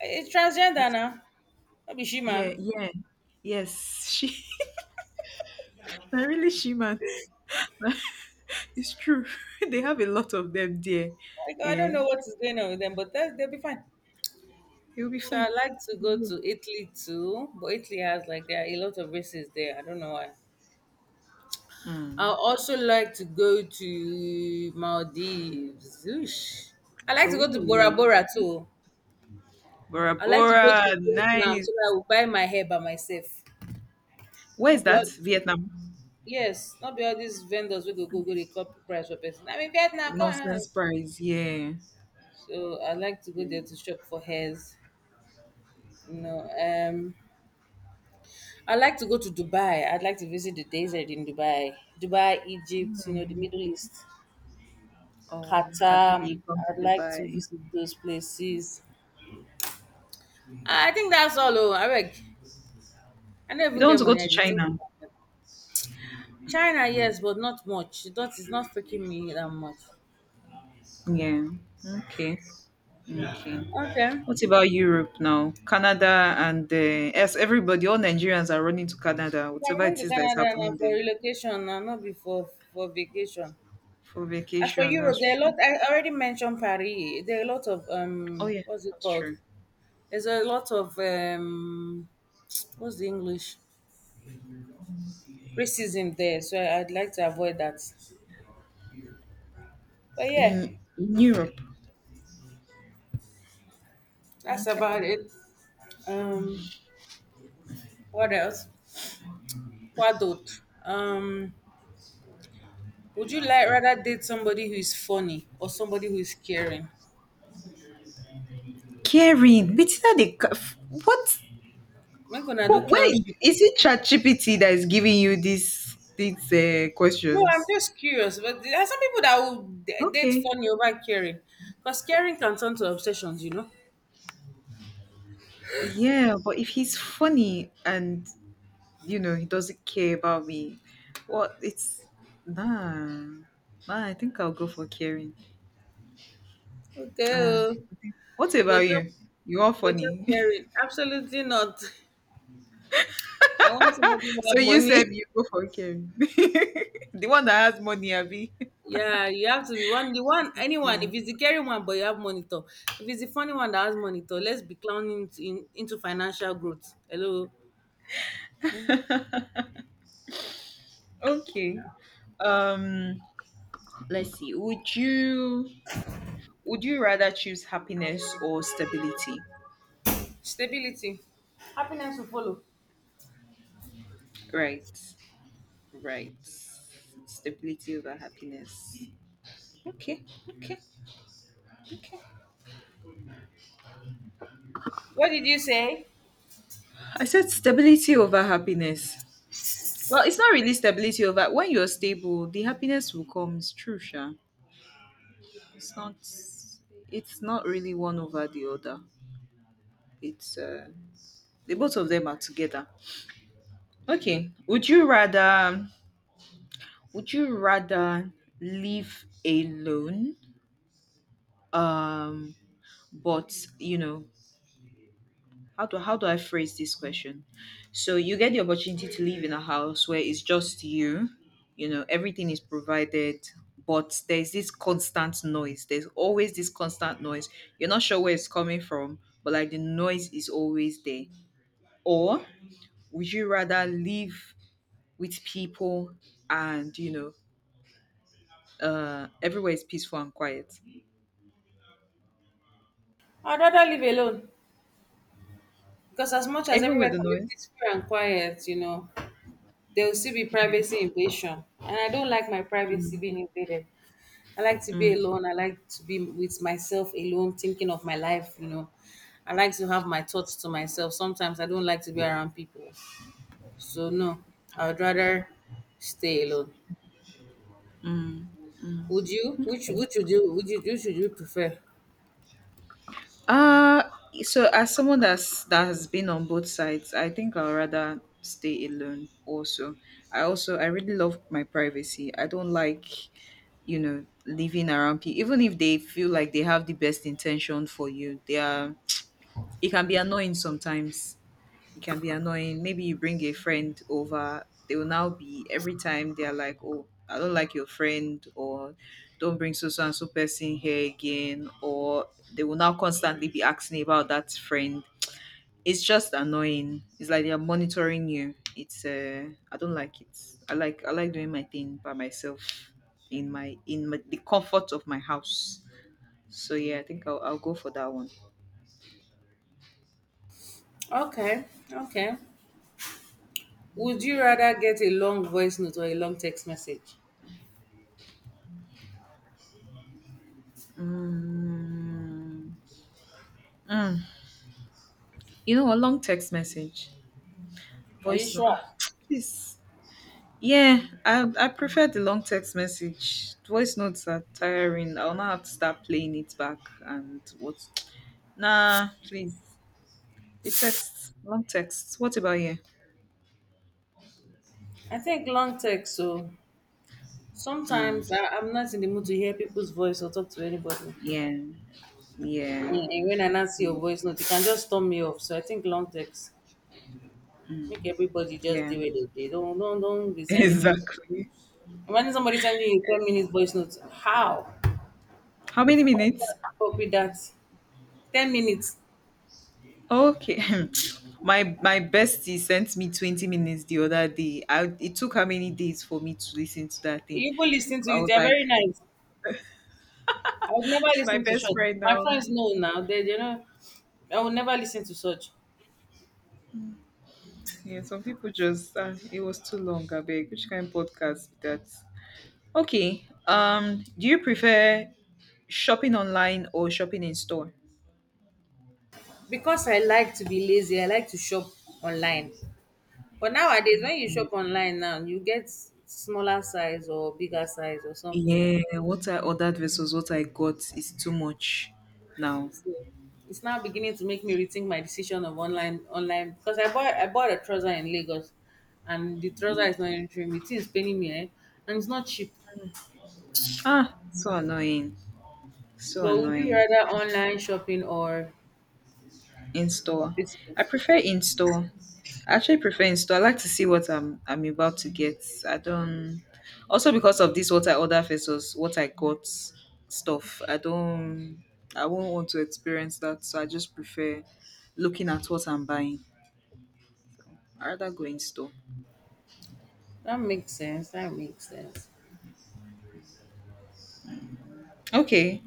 Speaker 2: It's transgender now. Not be she
Speaker 1: Yeah,
Speaker 2: man.
Speaker 1: yeah. Yes, she. *laughs* I really she man. It's true. *laughs* They have a lot of them there.
Speaker 2: Like, I
Speaker 1: Yeah.
Speaker 2: don't know what is going on with them, but that, they'll be fine.
Speaker 1: It'll be
Speaker 2: So I
Speaker 1: fine.
Speaker 2: like to
Speaker 1: They
Speaker 2: go
Speaker 1: will.
Speaker 2: to Italy too, but Italy has like there are a lot of races there. I don't know why. I
Speaker 1: Mm.
Speaker 2: also like to go to Maldives. Oosh. I like to go to Bora
Speaker 1: Oh.
Speaker 2: Bora too.
Speaker 1: Bora
Speaker 2: I like to go
Speaker 1: Bora,
Speaker 2: to Vietnam
Speaker 1: nice.
Speaker 2: so that I will buy my hair by myself.
Speaker 1: Where
Speaker 2: No
Speaker 1: is
Speaker 2: be all,
Speaker 1: that? Vietnam.
Speaker 2: yes, not be all these vendors will go go go they cut price for person. I mean Vietnam, come on.
Speaker 1: Nonsense prize, yeah.
Speaker 2: So I like to go
Speaker 1: Yeah.
Speaker 2: there to shop for hairs. You know, um, I like to go to Dubai. I'd like to visit the desert in Dubai, Dubai, Egypt. You know, the
Speaker 1: Mm.
Speaker 2: Middle East,
Speaker 1: Oh,
Speaker 2: Qatar.
Speaker 1: Habibi, come to
Speaker 2: I'd like to
Speaker 1: Dubai.
Speaker 2: visit those places. Ah, I think that's all. Oh, Areg. I don't
Speaker 1: You
Speaker 2: even
Speaker 1: don't want
Speaker 2: get
Speaker 1: to go
Speaker 2: money. I
Speaker 1: to
Speaker 2: did not think
Speaker 1: China.
Speaker 2: about it. China, yes, but not much. That is not freaking me that much.
Speaker 1: Yeah. Okay. Okay.
Speaker 2: Okay.
Speaker 1: What about Europe now? Canada and yes, everybody, all Nigerians are running to Canada,
Speaker 2: If I'm
Speaker 1: whatever
Speaker 2: going
Speaker 1: it
Speaker 2: to
Speaker 1: is that is
Speaker 2: Canada now
Speaker 1: happening there
Speaker 2: for relocation, now not before for vacation.
Speaker 1: for
Speaker 2: As for
Speaker 1: vacation. That's
Speaker 2: Europe, there are a
Speaker 1: true.
Speaker 2: lot. I already mentioned Paris. There are a lot of
Speaker 1: Oh yeah,
Speaker 2: what's it
Speaker 1: that's
Speaker 2: called?
Speaker 1: true.
Speaker 2: There's a lot of *tsk* what's the English racism there. So I'd like to avoid that. But yeah,
Speaker 1: In Europe,
Speaker 2: that's
Speaker 1: okay.
Speaker 2: about it. Um, what else? Kwadot, would you like rather date somebody who is funny or somebody who is caring?
Speaker 1: Caring, but that what?
Speaker 2: Make gonna do
Speaker 1: Who, wait,
Speaker 2: clownship.
Speaker 1: is it ChatGPT that is giving you these
Speaker 2: No,
Speaker 1: questions?
Speaker 2: I'm just curious. But there are some people that will date
Speaker 1: Okay.
Speaker 2: funny over caring, because caring can turn to obsessions, you know.
Speaker 1: Yeah, but if he's funny and you know he doesn't care about me, what it's, nah, nah, I think I'll go for caring.
Speaker 2: Okay,
Speaker 1: uh,
Speaker 2: oh,
Speaker 1: what
Speaker 2: go
Speaker 1: about
Speaker 2: chop,
Speaker 1: you? You are
Speaker 2: go chop
Speaker 1: funny.
Speaker 2: caring. Absolutely not. *laughs* I want somebody
Speaker 1: *laughs*
Speaker 2: who
Speaker 1: So
Speaker 2: have
Speaker 1: you
Speaker 2: money.
Speaker 1: said you go for caring, *laughs* the one that has money, Abby.
Speaker 2: Yeah, you have to be one, the one, anyone.
Speaker 1: Yeah.
Speaker 2: If it's the caring one, but you have monitor. If it's the funny one that has monitor, let's be clowning into financial growth. Hello,
Speaker 1: *laughs* Okay. um let's see, would you rather choose happiness or stability?
Speaker 2: stability. Happiness will follow.
Speaker 1: Right, right, stability over happiness. Okay. Okay. Okay.
Speaker 2: What did you say?
Speaker 1: I said stability over happiness. Well, it's not really stability over — when you're stable, the happiness will come. It's true, Sha. It's not it's not really one over the other. It's the both of them are together. Okay. Would you rather live alone? Um but you know, how do I phrase this question? So you get the opportunity to live in a house where it's just you, you know, everything is provided, but there's this constant noise. There's always this constant noise. You're not sure where it's coming from, but like the noise is always there. Or would you rather live with people and you know, everywhere is peaceful and quiet,
Speaker 2: I'd rather live alone. Because as much as
Speaker 1: even
Speaker 2: everywhere
Speaker 1: with the
Speaker 2: can be
Speaker 1: noise?
Speaker 2: peaceful and quiet, there will still be
Speaker 1: Yeah.
Speaker 2: privacy invasion. And I don't like my privacy
Speaker 1: Mm.
Speaker 2: being invaded. I like to be
Speaker 1: Mm.
Speaker 2: alone. I like to be with myself alone, thinking of my life, you know. I like to have my thoughts to myself. Sometimes I don't like to be around people. So no, I would rather stay alone.
Speaker 1: Mm. Mm.
Speaker 2: Would you?
Speaker 1: Okay.
Speaker 2: Would you? Which would you prefer?
Speaker 1: Uh so as someone that's that has been on both sides, I think I'll rather stay alone also. I really love my privacy. I don't like, you know, living around people even if they feel like they have the best intention for you. They are It can be annoying sometimes. It can be annoying. Maybe you bring a friend over, they will now be every time they're like, oh, I don't like your friend, or don't bring so so and so person here again, or they will now constantly be asking about that friend. It's just annoying. It's like they're monitoring you. It's I don't like it. I like doing my thing by myself in the comfort of my house. So yeah, I think I'll go for that one.
Speaker 2: Okay, okay. Would you rather get a long voice note or a long text message?
Speaker 1: Mm. Mm. You know, a long text message.
Speaker 2: Are you
Speaker 1: Voice note? Ah,
Speaker 2: sure?
Speaker 1: *tsk* please. Yeah, I prefer the long text message. Voice notes are tiring. I'll now have to start playing it back and what? Nah, please. The text, long text. What about you?
Speaker 2: I think long text. So
Speaker 1: Mm,
Speaker 2: sometimes I'm not in the mood to hear people's voice or talk to anybody.
Speaker 1: yeah, yeah,
Speaker 2: And when I not see your voice note, it can just turn me off. So I think long text make everybody just
Speaker 1: yeah.
Speaker 2: do it. They don't be
Speaker 1: *laughs*
Speaker 2: sending me.
Speaker 1: Exactly.
Speaker 2: Imagine somebody sending you 10 minutes voice note. How?
Speaker 1: How many
Speaker 2: How can
Speaker 1: minutes?
Speaker 2: I cope with that? 10 minutes.
Speaker 1: Okay. *laughs* *clears throat* My bestie sent me 20 minutes the other day. It took how many days for me to listen to that thing?
Speaker 2: You go listening to
Speaker 1: I
Speaker 2: it.
Speaker 1: was
Speaker 2: They're
Speaker 1: like,
Speaker 2: very nice. I would never
Speaker 1: she's my
Speaker 2: listen to
Speaker 1: best
Speaker 2: such.
Speaker 1: friend
Speaker 2: My
Speaker 1: now.
Speaker 2: friends know now. They, I would never listen to such.
Speaker 1: Yeah, some people just, it was too long. I beg, which kind of podcast is that? Okay. Do you prefer shopping online or shopping in store?
Speaker 2: Because I like to be lazy, I like to shop online. But nowadays, when you shop online now, you get smaller size or bigger size or something.
Speaker 1: Yeah, what I ordered versus what I got is too much now.
Speaker 2: So it's now beginning to make me rethink my decision of online because I bought a trouser in Lagos and the trouser is not entering me. It is paining me, eh? And it's not cheap.
Speaker 1: Ah, so annoying. So
Speaker 2: But would you
Speaker 1: annoying.
Speaker 2: rather online shopping or
Speaker 1: In store.
Speaker 2: physical?
Speaker 1: I prefer in store. I actually prefer in store. I like to see what I'm about to get. I don't Also because of this what I order versus what I got stuff. I won't want to experience that. So I just prefer looking at what I'm buying. I rather go in store.
Speaker 2: That makes sense. That makes sense.
Speaker 1: Okay.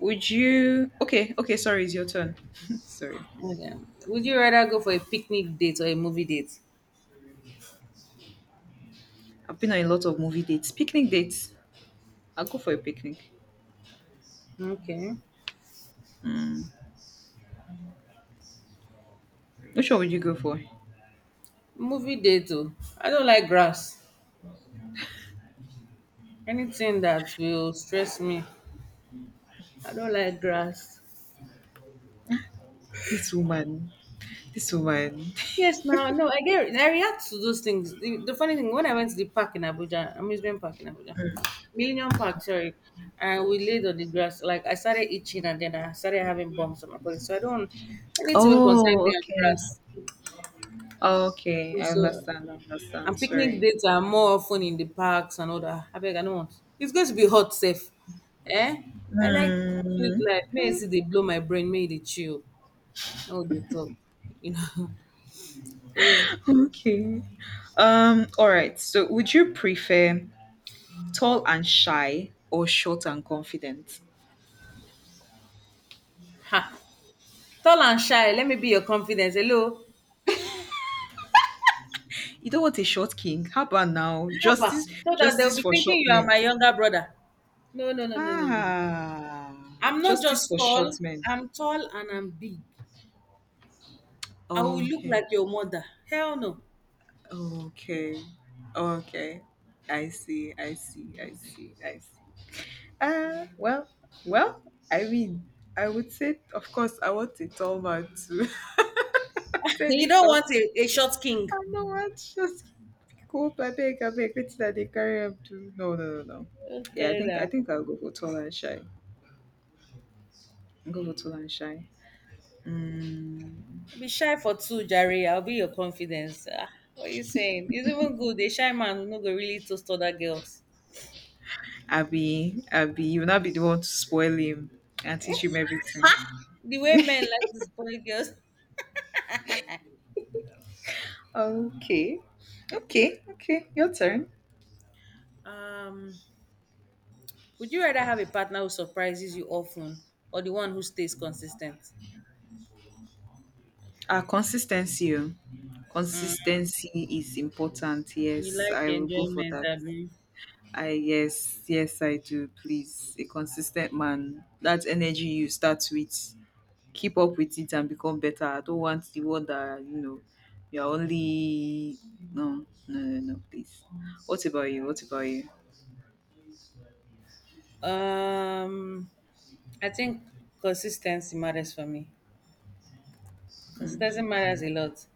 Speaker 1: Would you Okay, okay, sorry, it's your turn. *laughs* Sorry.
Speaker 2: Okay. Would you rather go for a picnic date or a movie date?
Speaker 1: I've been on a lot of movie dates. Picnic dates. I'll go for a picnic.
Speaker 2: Okay.
Speaker 1: Hmm. Which one would you go for?
Speaker 2: Movie date too. I don't like grass. Anything that will stress me. I don't like grass.
Speaker 1: This woman. This one.
Speaker 2: Yes, now no, I react to those things. The funny thing, when I went to the park in Abuja, amusement park in Abuja, Millennium Park, sorry, and we laid on the grass, like I started itching and then I started having bumps on my body. So I don't, anything will concern
Speaker 1: Oh,
Speaker 2: me and
Speaker 1: okay.
Speaker 2: grass.
Speaker 1: Okay, I
Speaker 2: So,
Speaker 1: understand. I
Speaker 2: and
Speaker 1: understand.
Speaker 2: picnic
Speaker 1: Sorry.
Speaker 2: dates are more often in the parks and all that. I beg, I don't want. It's going to be hot, safe. Eh? I like chill
Speaker 1: Hmm.
Speaker 2: life. May I see they blow my brain. May they chill. Oh, they talk. You know. *laughs* So yes.
Speaker 1: Okay. All right. So would you prefer tall and shy or short and confident?
Speaker 2: Ha. Tall and shy. Let me be your confidence. Hello.
Speaker 1: You don't want a short king. How about now?
Speaker 2: Haba. So that they'll
Speaker 1: Justice
Speaker 2: be
Speaker 1: for
Speaker 2: thinking
Speaker 1: short
Speaker 2: you are
Speaker 1: men.
Speaker 2: my younger brother. No, no, no, no, no, no.
Speaker 1: Ah.
Speaker 2: I'm not
Speaker 1: Justice
Speaker 2: just
Speaker 1: for short
Speaker 2: tall.
Speaker 1: men.
Speaker 2: I'm tall and I'm big. I will look
Speaker 1: Okay.
Speaker 2: like your mother. Hell no.
Speaker 1: Okay. Okay. I see. I see. I see. I see. Uh, well, well, I mean, I would say, of course, I want a tall man too. *laughs*
Speaker 2: You
Speaker 1: Tiny
Speaker 2: don't want
Speaker 1: short.
Speaker 2: a short king.
Speaker 1: I know what, just go up, I beg, wait till they carry up to. No, no, no, no. Yeah,
Speaker 2: Okay,
Speaker 1: I
Speaker 2: now.
Speaker 1: think I'll go for tall and shy. I'll go for tall and shy. Mm.
Speaker 2: Be shy for two, Jerry. I'll be your confidence. Ah, what are you saying? It's even good. A shy man will not go really toast other girls.
Speaker 1: Abby, Abby, you'll not be the one to spoil him and teach him everything.
Speaker 2: The way men like to spoil girls. *laughs*
Speaker 1: Okay, okay, okay, your turn.
Speaker 2: Um, would you rather have a partner who surprises you often or the one who stays consistent?
Speaker 1: Ah, consistency. Oh.
Speaker 2: Mm,
Speaker 1: Consistency is important.
Speaker 2: you
Speaker 1: Yes,
Speaker 2: like
Speaker 1: I will go for
Speaker 2: enjoyment,
Speaker 1: that.
Speaker 2: I mean.
Speaker 1: I Yes, yes, I do. Please, a consistent man. That energy you start with, keep up with it and become better. I don't want the one that you know. You're only, no, no, no, no. Please. What about you? What about you?
Speaker 2: Um, I think consistency matters for me.
Speaker 1: Mm.
Speaker 2: Consistency matters a lot.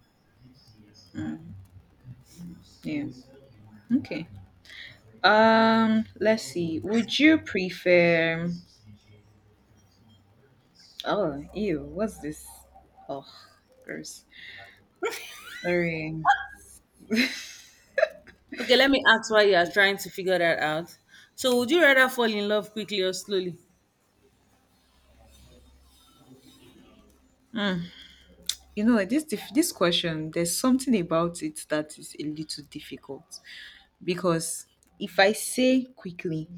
Speaker 1: Mm. Yeah. Okay. Let's see, would you prefer? Oh, ew, what's this? Oh, gross. Sorry. *laughs*
Speaker 2: Okay, let me ask why you are trying to figure that out. So, would you rather fall in love quickly or slowly?
Speaker 1: Mm. You know, this question, there's something about it that is a little difficult because if I say quickly,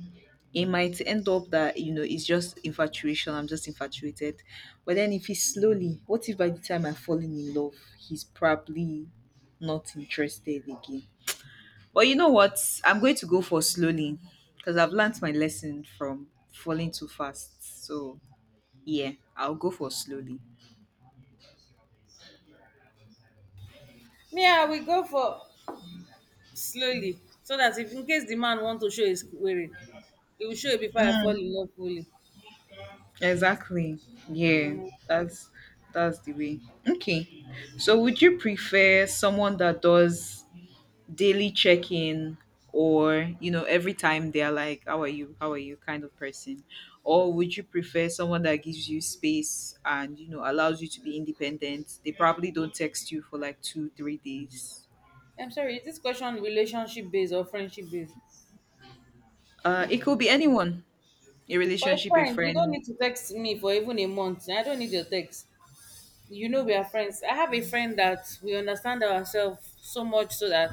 Speaker 1: it might end up that you know it's just infatuation. I'm just infatuated. But then if it's slowly, what if by the time I'm falling in love, he's probably not interested again? But you know what? I'm going to go for slowly because I've learned my lesson from falling too fast. So yeah, I'll go for slowly.
Speaker 2: Yeah, we go for slowly so that if in case the man want to show his query, he will show it before I fall
Speaker 1: Mm,
Speaker 2: in love fully.
Speaker 1: exactly. Yeah,
Speaker 2: Mm.
Speaker 1: that's that's the way. Okay. So would you prefer someone that does daily check-in, or you know every time they're like, how are you, how are you kind of person? Or would you prefer someone that gives you space and you know allows you to be independent? They probably don't text you for like 2 3 days.
Speaker 2: I'm sorry, is this question relationship based or friendship based?
Speaker 1: It could be anyone, a
Speaker 2: For a
Speaker 1: relationship, a
Speaker 2: friend, you don't
Speaker 1: friend.
Speaker 2: need to text me for even a month. I don't need your text. We are friends. I have a friend that we understand ourselves so much so that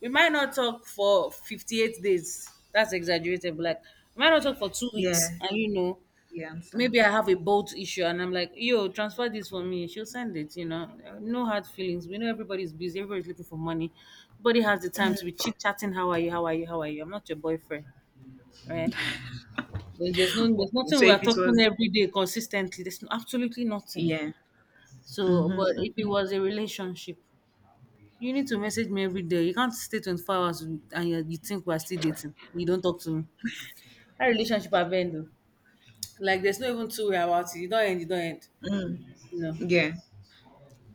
Speaker 2: we might not talk for 58 days, that's exaggerated, but like we might not talk for 2 weeks,
Speaker 1: Yeah,
Speaker 2: and
Speaker 1: yeah, I understand.
Speaker 2: maybe I have a bolt issue and I'm like, yo, transfer this for me. She'll send it. No hard feelings. We know everybody's busy, everybody's looking for money. Nobody has the time to be chit chatting. How are you? How are you? How are you? I'm not your boyfriend, right? There's no there's
Speaker 1: Okay, so
Speaker 2: nothing. We
Speaker 1: if
Speaker 2: are
Speaker 1: it
Speaker 2: talking
Speaker 1: was —
Speaker 2: every day consistently. There's no, absolutely nothing.
Speaker 1: yeah.
Speaker 2: So, but
Speaker 1: Mm-hmm.
Speaker 2: if it was a relationship, you need to message me every day. You can't stay 24 hours and you think we're still dating. You don't talk to me. That relationship have ended. Like there's no even two-way about it. You don't end, you don't end.
Speaker 1: Mm-hmm.
Speaker 2: You know.
Speaker 1: Yeah.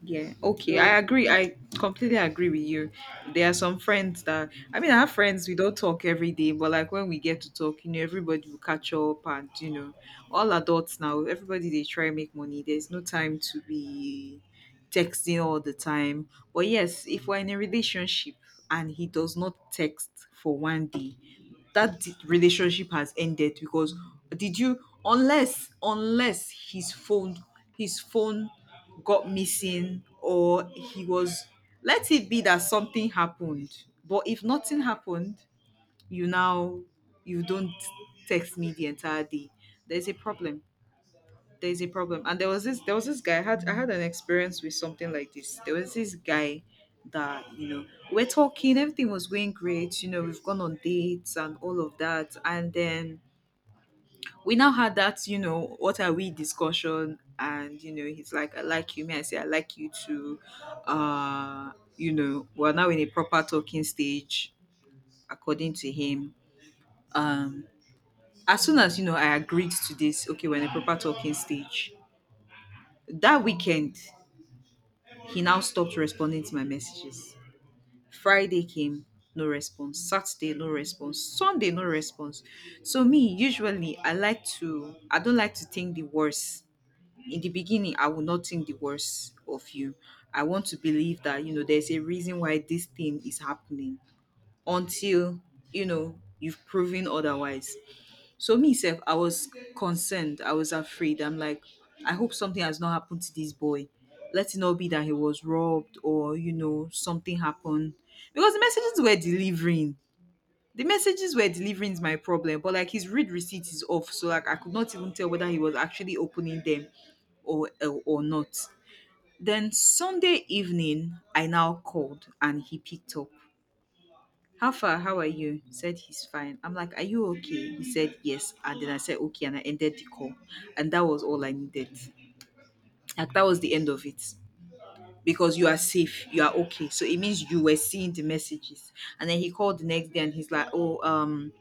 Speaker 1: Yeah, okay.
Speaker 2: So
Speaker 1: I agree. I completely agree with you. There are some friends that — I mean, I have friends we don't talk every day, but like when we get to talk, you know, everybody will catch up. And you know, all adults now, everybody they try make money. There's no time to be texting all the time. But yes, if we're in a relationship and he does not text for one day, relationship has ended because — did you — unless his phone got missing or he was — let it be that something happened. But if nothing happened, you now, you don't text me the entire day, there's a problem. There is a problem. And there was this guy, I had an experience with something like this. There was this guy that, you know, we're talking, everything was going great, you know, we've gone on dates and all of that. And then we now had that, you know, what are we discussion. And you know, he's like, I like you. Me, I say, I like you too. uh you know, we're now in a proper talking stage, according to him. um as soon as, you know, I agreed to this, okay, we're in a proper talking stage, that weekend. He now stopped responding to my messages. Friday came, no response. Saturday, no response. Sunday, no response. So me, usually, I don't like to think the worst. In the beginning, I will not think the worst of you. I want to believe that, you know, there's a reason why this thing is happening until, you know, you've proven otherwise. So me self, I was concerned. I was afraid. I'm like, I hope something has not happened to this boy. Let it not be that he was robbed or you know something happened because the messages were delivering. The messages were delivering is my problem, but like his read receipt is off, so like I could not even tell whether he was actually opening them or not. Then Sunday evening, I now called and he picked up. How far? How are you? He said he's fine. I'm like, are you okay? He said yes. And then I said, okay. And I ended the call. And that was all I needed. Like, that was the end of it. Because you are safe, you are okay. So it means you were seeing the messages. And then he called the next day and he's like, oh,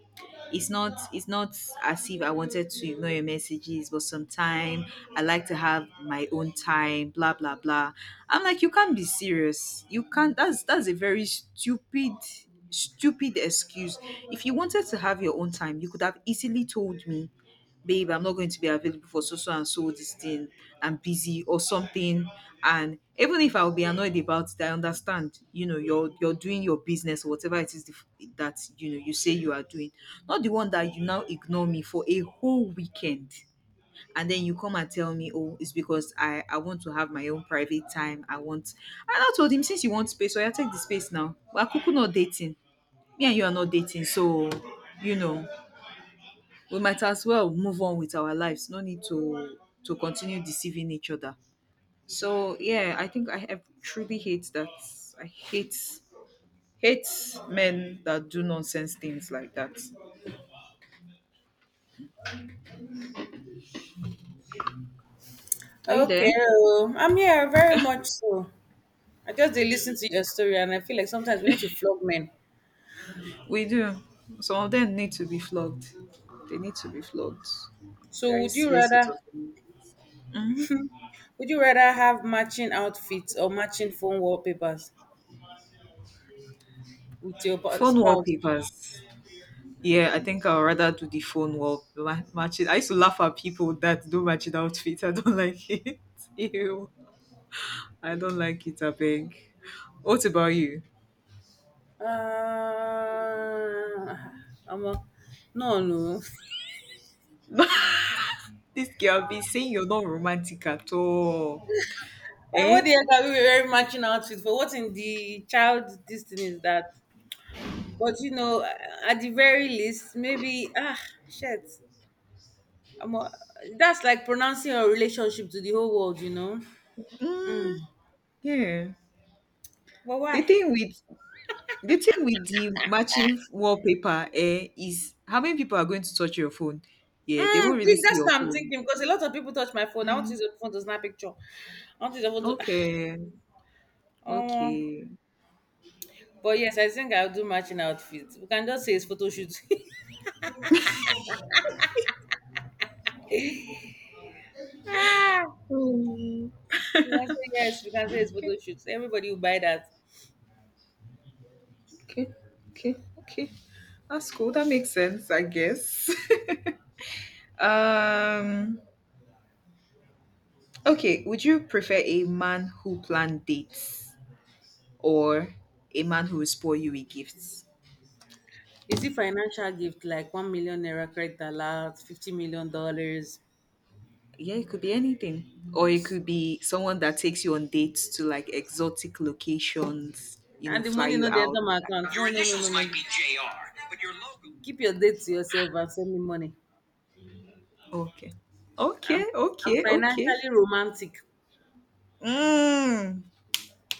Speaker 1: it's not as if I wanted to ignore your messages, but sometime I like to have my own time, blah blah blah. I'm like, you can't be serious. You can't— that's a very stupid excuse. If you wanted to have your own time, you could have easily told me, babe, I'm not going to be available for so so and so this thing, I'm busy or something. And even if I'll be annoyed about it, I understand. You know, you're doing your business or whatever it is the that you know you say you are doing, not the one that you now ignore me for a whole weekend and then you come and tell me, oh, it's because I want to have my own private time, I want. And I told him, since you want space, so I take the space now, but I not dating. Me and you are not dating. So you know, we might as well move on with our lives. No need to continue deceiving each other. So yeah, I think I have truly hate that. I hate hate men that do nonsense things like that. Are you there?
Speaker 2: okay, oh, I'm here very much so. I just did listen to your story, and I feel like sometimes we need to flog men.
Speaker 1: We do. Some of them need to be flogged. They need to be flogged.
Speaker 2: So,
Speaker 1: Very silly set of things. Hmm.
Speaker 2: would you rather have matching outfits or matching phone wallpapers with your
Speaker 1: Phone
Speaker 2: spouse?
Speaker 1: wallpapers. Yeah, I think I'd rather do the phone matching. I used to laugh at people that do matching outfits. I don't like it. *laughs* Ew. I don't like it, I beg. What about you?
Speaker 2: Uh, I'm a, no, no. *laughs*
Speaker 1: This girl be saying you're not romantic at all.
Speaker 2: Like, what
Speaker 1: Eh?
Speaker 2: the hell are we wearing matching outfits for? What in the child this thing is that? But you know, at the very least, maybe ah shit. I'm a- that's like pronouncing your relationship to the whole world, you know.
Speaker 1: Mm,
Speaker 2: Mm.
Speaker 1: yeah.
Speaker 2: But
Speaker 1: The
Speaker 2: why?
Speaker 1: thing with the thing with the matching wallpaper, eh, is how many people are going to touch your phone? Yeah, they
Speaker 2: Mm,
Speaker 1: won't really
Speaker 2: dude,
Speaker 1: see
Speaker 2: that's
Speaker 1: your
Speaker 2: what I'm
Speaker 1: phone.
Speaker 2: thinking because a lot of people touch my phone. I want
Speaker 1: Mm,
Speaker 2: to use the phone to snap picture. I want to use the phone to. *sighs*
Speaker 1: okay.
Speaker 2: Oh,
Speaker 1: Okay.
Speaker 2: but yes, I think I'll do matching outfits. We can just say it's photo shoot. *laughs* ah,
Speaker 1: Mm,
Speaker 2: we can say yes. We can say it's photo
Speaker 1: okay.
Speaker 2: shoot. Everybody will buy that.
Speaker 1: Okay. Okay. Okay. That's cool. That makes sense, I guess. *laughs* um Okay, would you prefer a man who planned dates or a man who will spoil you with gifts?
Speaker 2: Is it financial gift like 1 million naira credit alert, $50 million?
Speaker 1: Yeah, it could be anything. Or it could be someone that takes you on dates to like exotic locations, you know,
Speaker 2: And the
Speaker 1: fly
Speaker 2: money
Speaker 1: you
Speaker 2: not the
Speaker 1: out.
Speaker 2: enter my account. No, no, no, no, no, no. Keep your date to yourself and send me money.
Speaker 1: Okay.
Speaker 2: I'm
Speaker 1: Okay,
Speaker 2: I'm
Speaker 1: okay, okay.
Speaker 2: financially romantic.
Speaker 1: Mm,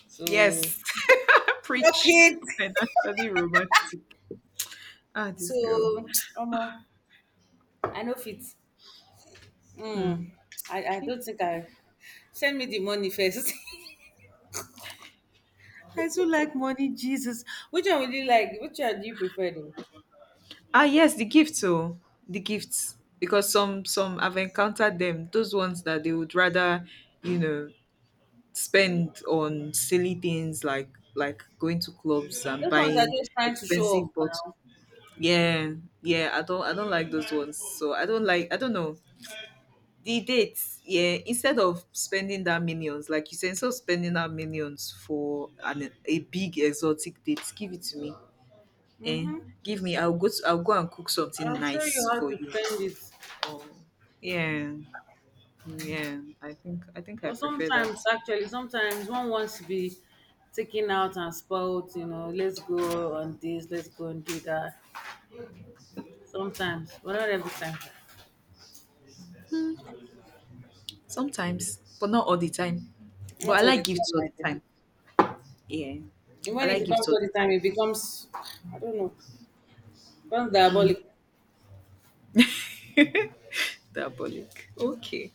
Speaker 2: So
Speaker 1: yes. *laughs*
Speaker 2: look
Speaker 1: Preach.
Speaker 2: it.
Speaker 1: Financially romantic. Ah,
Speaker 2: So
Speaker 1: this girl.
Speaker 2: omo, I know fit.
Speaker 1: Hmm.
Speaker 2: Mm, I
Speaker 1: Okay.
Speaker 2: don't think I send me the money first. *laughs* I so like money, Jesus. Which one would you like? Which one do you prefer though?
Speaker 1: Ah yes, the gifts oh, the gifts because some I've encountered them. Those ones that they would rather, you know, spend on silly things like going to clubs and
Speaker 2: Those ones are
Speaker 1: buying
Speaker 2: just trying to show off
Speaker 1: expensive bottles.
Speaker 2: now.
Speaker 1: Yeah, yeah. I don't like those ones. So I don't like— I don't know the dates. Yeah, instead of spending that millions, like you said, instead of spending that millions for an a big exotic date, give it to me. Eh,
Speaker 2: Mm-hmm.
Speaker 1: give me. I'll go. To, I'll go and cook something
Speaker 2: I'll show
Speaker 1: nice
Speaker 2: you how
Speaker 1: for
Speaker 2: to
Speaker 1: you
Speaker 2: spend it.
Speaker 1: or— yeah, yeah. I think I
Speaker 2: Well,
Speaker 1: prefer that
Speaker 2: sometimes, actually, sometimes one wants to be taken out and spoiled, you know, let's go on this, let's go and do that. Sometimes, but not every time.
Speaker 1: sometimes, but not all the time. But I
Speaker 2: Not all
Speaker 1: like
Speaker 2: the
Speaker 1: gifts
Speaker 2: time,
Speaker 1: all
Speaker 2: I
Speaker 1: the
Speaker 2: think.
Speaker 1: time. Yeah,
Speaker 2: And
Speaker 1: I
Speaker 2: when it
Speaker 1: like gifts
Speaker 2: becomes
Speaker 1: all
Speaker 2: all the
Speaker 1: the
Speaker 2: time, it becomes, I don't know, becomes
Speaker 1: time.
Speaker 2: diabolic.
Speaker 1: Mm. *laughs* Diabolic. Okay.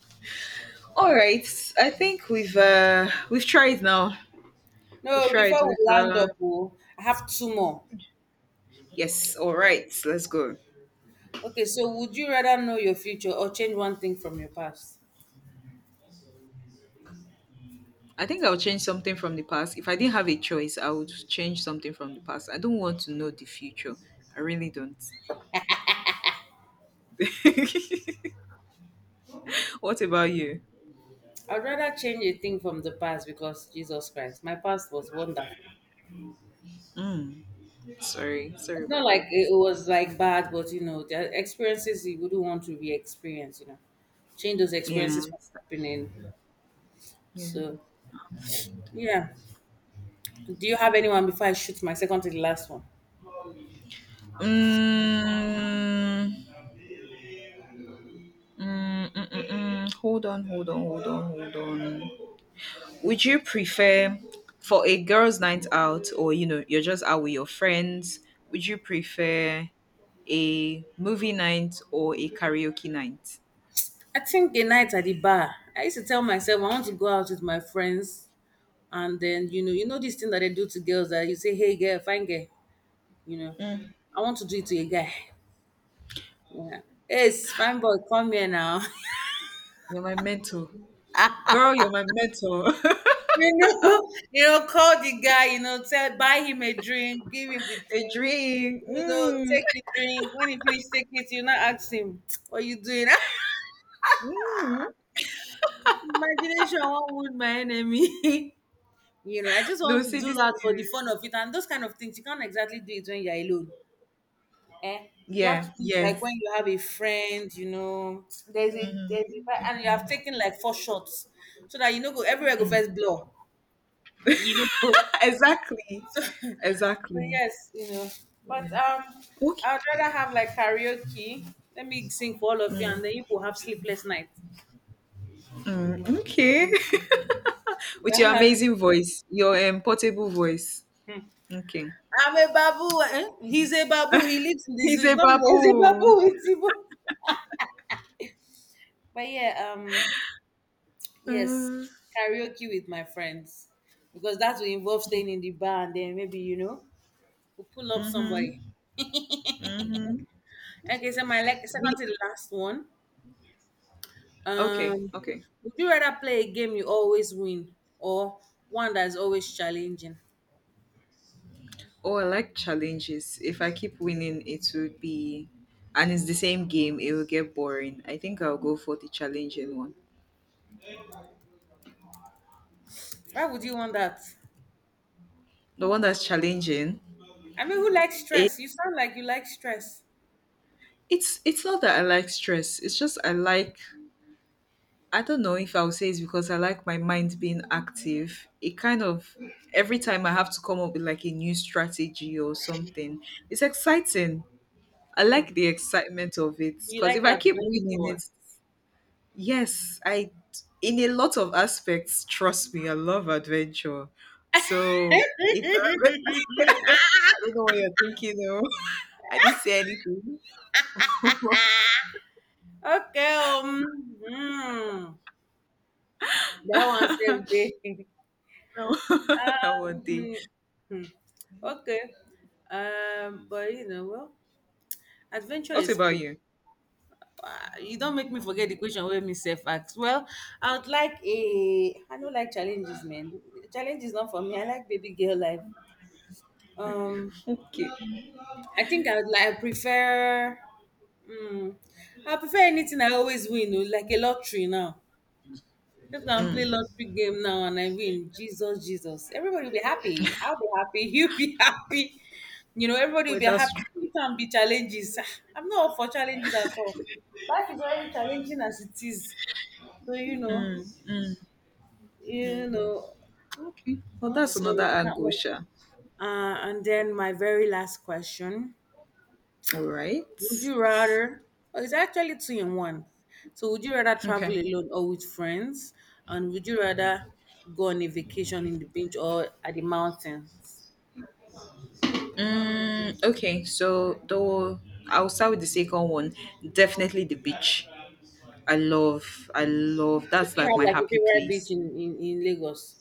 Speaker 1: All right. I think we've tried now. We've
Speaker 2: No,
Speaker 1: tried.
Speaker 2: before we
Speaker 1: We've
Speaker 2: land up, oh, I have two more.
Speaker 1: yes. All right. Let's go.
Speaker 2: Okay, so would you rather know your future or change one thing from your past?
Speaker 1: I think I'll change something from the past. If I didn't have a choice, I would change something from the past. I don't want to know the future. I really don't. *laughs* What about you?
Speaker 2: I'd rather change a thing from the past because Jesus Christ, my past was wonderful.
Speaker 1: Mm. Sorry, sorry
Speaker 2: It's not
Speaker 1: about
Speaker 2: like
Speaker 1: that.
Speaker 2: it was like bad, but you know, there are experiences you wouldn't want to re-experience. You know, change those
Speaker 1: Yeah,
Speaker 2: experiences from happening.
Speaker 1: yeah.
Speaker 2: So yeah. Do you have anyone before I shoot my second to the last one?
Speaker 1: Mm, mm, mm, mm, mm. Hold on, hold on, hold on, hold on. Would you prefer for a girls' night out, or you know, you're just out with your friends? Would you prefer a movie night or a karaoke night?
Speaker 2: I think a night at the bar. I used to tell myself I want to go out with my friends, and then you know this thing that they do to girls that you say, "Hey, girl, fine girl," you know. I want to do it to a guy. Yeah. Hey, fine boy, come here now. *laughs*
Speaker 1: You're my mentor, girl. You're my mentor.
Speaker 2: You know, *laughs* you know, call the guy, you know, tell buy him a drink, give him the
Speaker 1: *laughs* A
Speaker 2: drink,
Speaker 1: dream.
Speaker 2: you know,
Speaker 1: Mm.
Speaker 2: take his drink. When he finish take it, you not ask him, *tsk* what you doing?
Speaker 1: Mm.
Speaker 2: *laughs* Imagination will would my enemy. *laughs* you know, I just want
Speaker 1: No,
Speaker 2: to
Speaker 1: see
Speaker 2: do
Speaker 1: this.
Speaker 2: that for the fun of it and those kind of things. You can't exactly do it when you're alone. Eh? You have
Speaker 1: Yeah,
Speaker 2: to think like when
Speaker 1: yes.
Speaker 2: you have a friend, you know, there's a and you have taken like four shots so that you know go everywhere go first blow. You know, *laughs*
Speaker 1: *laughs* Exactly.
Speaker 2: so, *laughs* so
Speaker 1: Exactly.
Speaker 2: yes, you know. But
Speaker 1: Yeah. Okay.
Speaker 2: I'd rather have like karaoke. Let me sing for all of you, and then you will have sleepless nights.
Speaker 1: Mm, okay. *laughs* With your
Speaker 2: *laughs*
Speaker 1: amazing voice, your portable voice. Okay.
Speaker 2: I'm a babu. Eh? He's a babu. He lives in the zoo.
Speaker 1: He's
Speaker 2: It's
Speaker 1: a
Speaker 2: not *laughs* me. He's a
Speaker 1: baboon.
Speaker 2: babu. It's Igbo. But yeah, yes,
Speaker 1: Uh,
Speaker 2: karaoke with my friends because that will involve staying in the bar and then maybe you know we pull up
Speaker 1: mhm.
Speaker 2: somebody.
Speaker 1: Mhm.
Speaker 2: Okay, so my like
Speaker 1: Me.
Speaker 2: second to the last one.
Speaker 1: Okay.
Speaker 2: Um,
Speaker 1: Okay.
Speaker 2: would you rather play a game you always win or one that is always challenging?
Speaker 1: Oh, I like challenges. If I keep winning, it would be, and it's the same game, it will get boring. I think I'll go for the challenging one.
Speaker 2: Why would you want that?
Speaker 1: The one that's challenging.
Speaker 2: I mean, who likes
Speaker 1: It,
Speaker 2: stress? You sound like you like stress.
Speaker 1: it's not that I like stress. It's just I like— I don't know if I would say it's because I like my mind being active. It kind of— every time I have to come up with like a new strategy or something. It's exciting. I like the excitement of it
Speaker 2: You
Speaker 1: because if
Speaker 2: like
Speaker 1: I keep winning
Speaker 2: adventure.
Speaker 1: it, yes, I— in a lot of aspects. Trust me, I love adventure. So
Speaker 2: *laughs*
Speaker 1: if I, *laughs* I don't know what you're thinking of. *laughs* I didn't say anything. *laughs* No,
Speaker 2: Okay. Hmm. That one saved day.
Speaker 1: *laughs*
Speaker 2: *laughs*
Speaker 1: that
Speaker 2: uh,
Speaker 1: one thing.
Speaker 2: hmm, hmm. Okay. But you know, well, adventure
Speaker 1: What
Speaker 2: is
Speaker 1: about
Speaker 2: cool.
Speaker 1: you?
Speaker 2: You don't make me forget the question wey me sef ask well. I would like a, I no like challenges man. Challenge is not for me. I like baby girl life. um
Speaker 1: Okay.
Speaker 2: I think I would like, I prefer, hmm I prefer anything I always win o, like a lottery now. Just go and play
Speaker 1: Mm.
Speaker 2: lottery game now and I win, Jesus, Jesus, everybody will be happy, I will be happy *laughs* you will be happy. You know, everybody
Speaker 1: Well,
Speaker 2: will be
Speaker 1: that's
Speaker 2: happy.
Speaker 1: true.
Speaker 2: It can be challenges. Ah, I'm not up for challenges at all. Life is already challenging as it is. So
Speaker 1: Mm, mm.
Speaker 2: you know,
Speaker 1: Okay. Well, that's
Speaker 2: so
Speaker 1: another
Speaker 2: that
Speaker 1: angle,
Speaker 2: one.
Speaker 1: Sha.
Speaker 2: And then my very last question:
Speaker 1: All right.
Speaker 2: would you rather? Oh, it's actually two in one. So would you rather travel
Speaker 1: Okay.
Speaker 2: alone or with friends? And would you rather go on a vacation in the beach or at the mountains?
Speaker 1: Mm, okay. So though I'll start with the second one. Definitely the beach. I love. I love.
Speaker 2: So do
Speaker 1: That's
Speaker 2: you
Speaker 1: like
Speaker 2: have
Speaker 1: my
Speaker 2: like a
Speaker 1: happy
Speaker 2: favorite
Speaker 1: place.
Speaker 2: beach in in Lagos?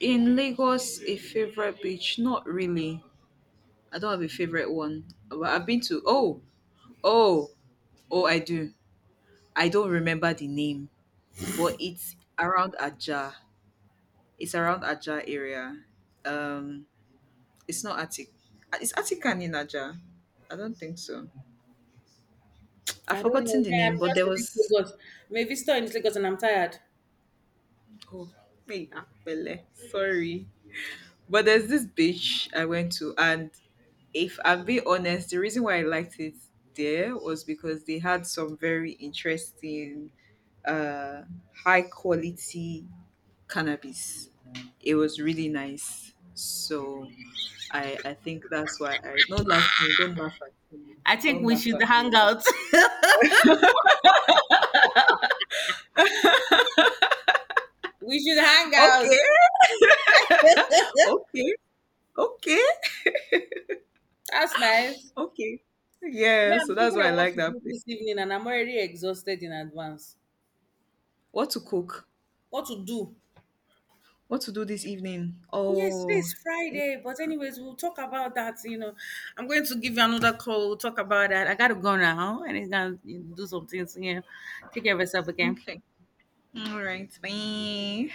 Speaker 1: In Lagos, a favorite beach? Not really. I don't have a favorite one. But I've been to— oh, oh, oh. I do. I don't remember the name, but it's around Ajah. It's around Ajah area. Um, it's not Atik. Is Atikan in Ajah? I don't think so. I've
Speaker 2: I don't
Speaker 1: forgotten
Speaker 2: know.
Speaker 1: the
Speaker 2: Yeah,
Speaker 1: name,
Speaker 2: I'm
Speaker 1: but
Speaker 2: just
Speaker 1: there
Speaker 2: in this
Speaker 1: was—
Speaker 2: Lagos. Maybe still in this Lagos, and I'm tired.
Speaker 1: oh, hey, Apele. Sorry. But there's this beach I went to, and if I'm being honest, the reason why I liked it there was because they had some very interesting, uh, high quality cannabis. It was really nice. So I think that's why— I don't— laugh me, don't laugh at me.
Speaker 2: I think
Speaker 1: Don't
Speaker 2: we
Speaker 1: laugh
Speaker 2: should
Speaker 1: at
Speaker 2: hang
Speaker 1: me.
Speaker 2: out. *laughs* we should hang out.
Speaker 1: Okay. *laughs*
Speaker 2: *laughs*
Speaker 1: Okay. Okay.
Speaker 2: That's nice.
Speaker 1: Okay.
Speaker 2: Me,
Speaker 1: Yeah, so
Speaker 2: I'm
Speaker 1: that's
Speaker 2: thinking
Speaker 1: why I
Speaker 2: of what
Speaker 1: like
Speaker 2: to
Speaker 1: that
Speaker 2: do
Speaker 1: place.
Speaker 2: this evening and I'm already exhausted in advance.
Speaker 1: What to cook?
Speaker 2: What to do?
Speaker 1: What to do this evening?
Speaker 2: Yes,
Speaker 1: Oh,
Speaker 2: today's Friday, but anyways, we'll talk about that. You know, I'm going to give you another call. We'll talk about that. I gotta go now and it's gonna do some things. Yeah, take care of yourself again.
Speaker 1: okay. All right. Bye.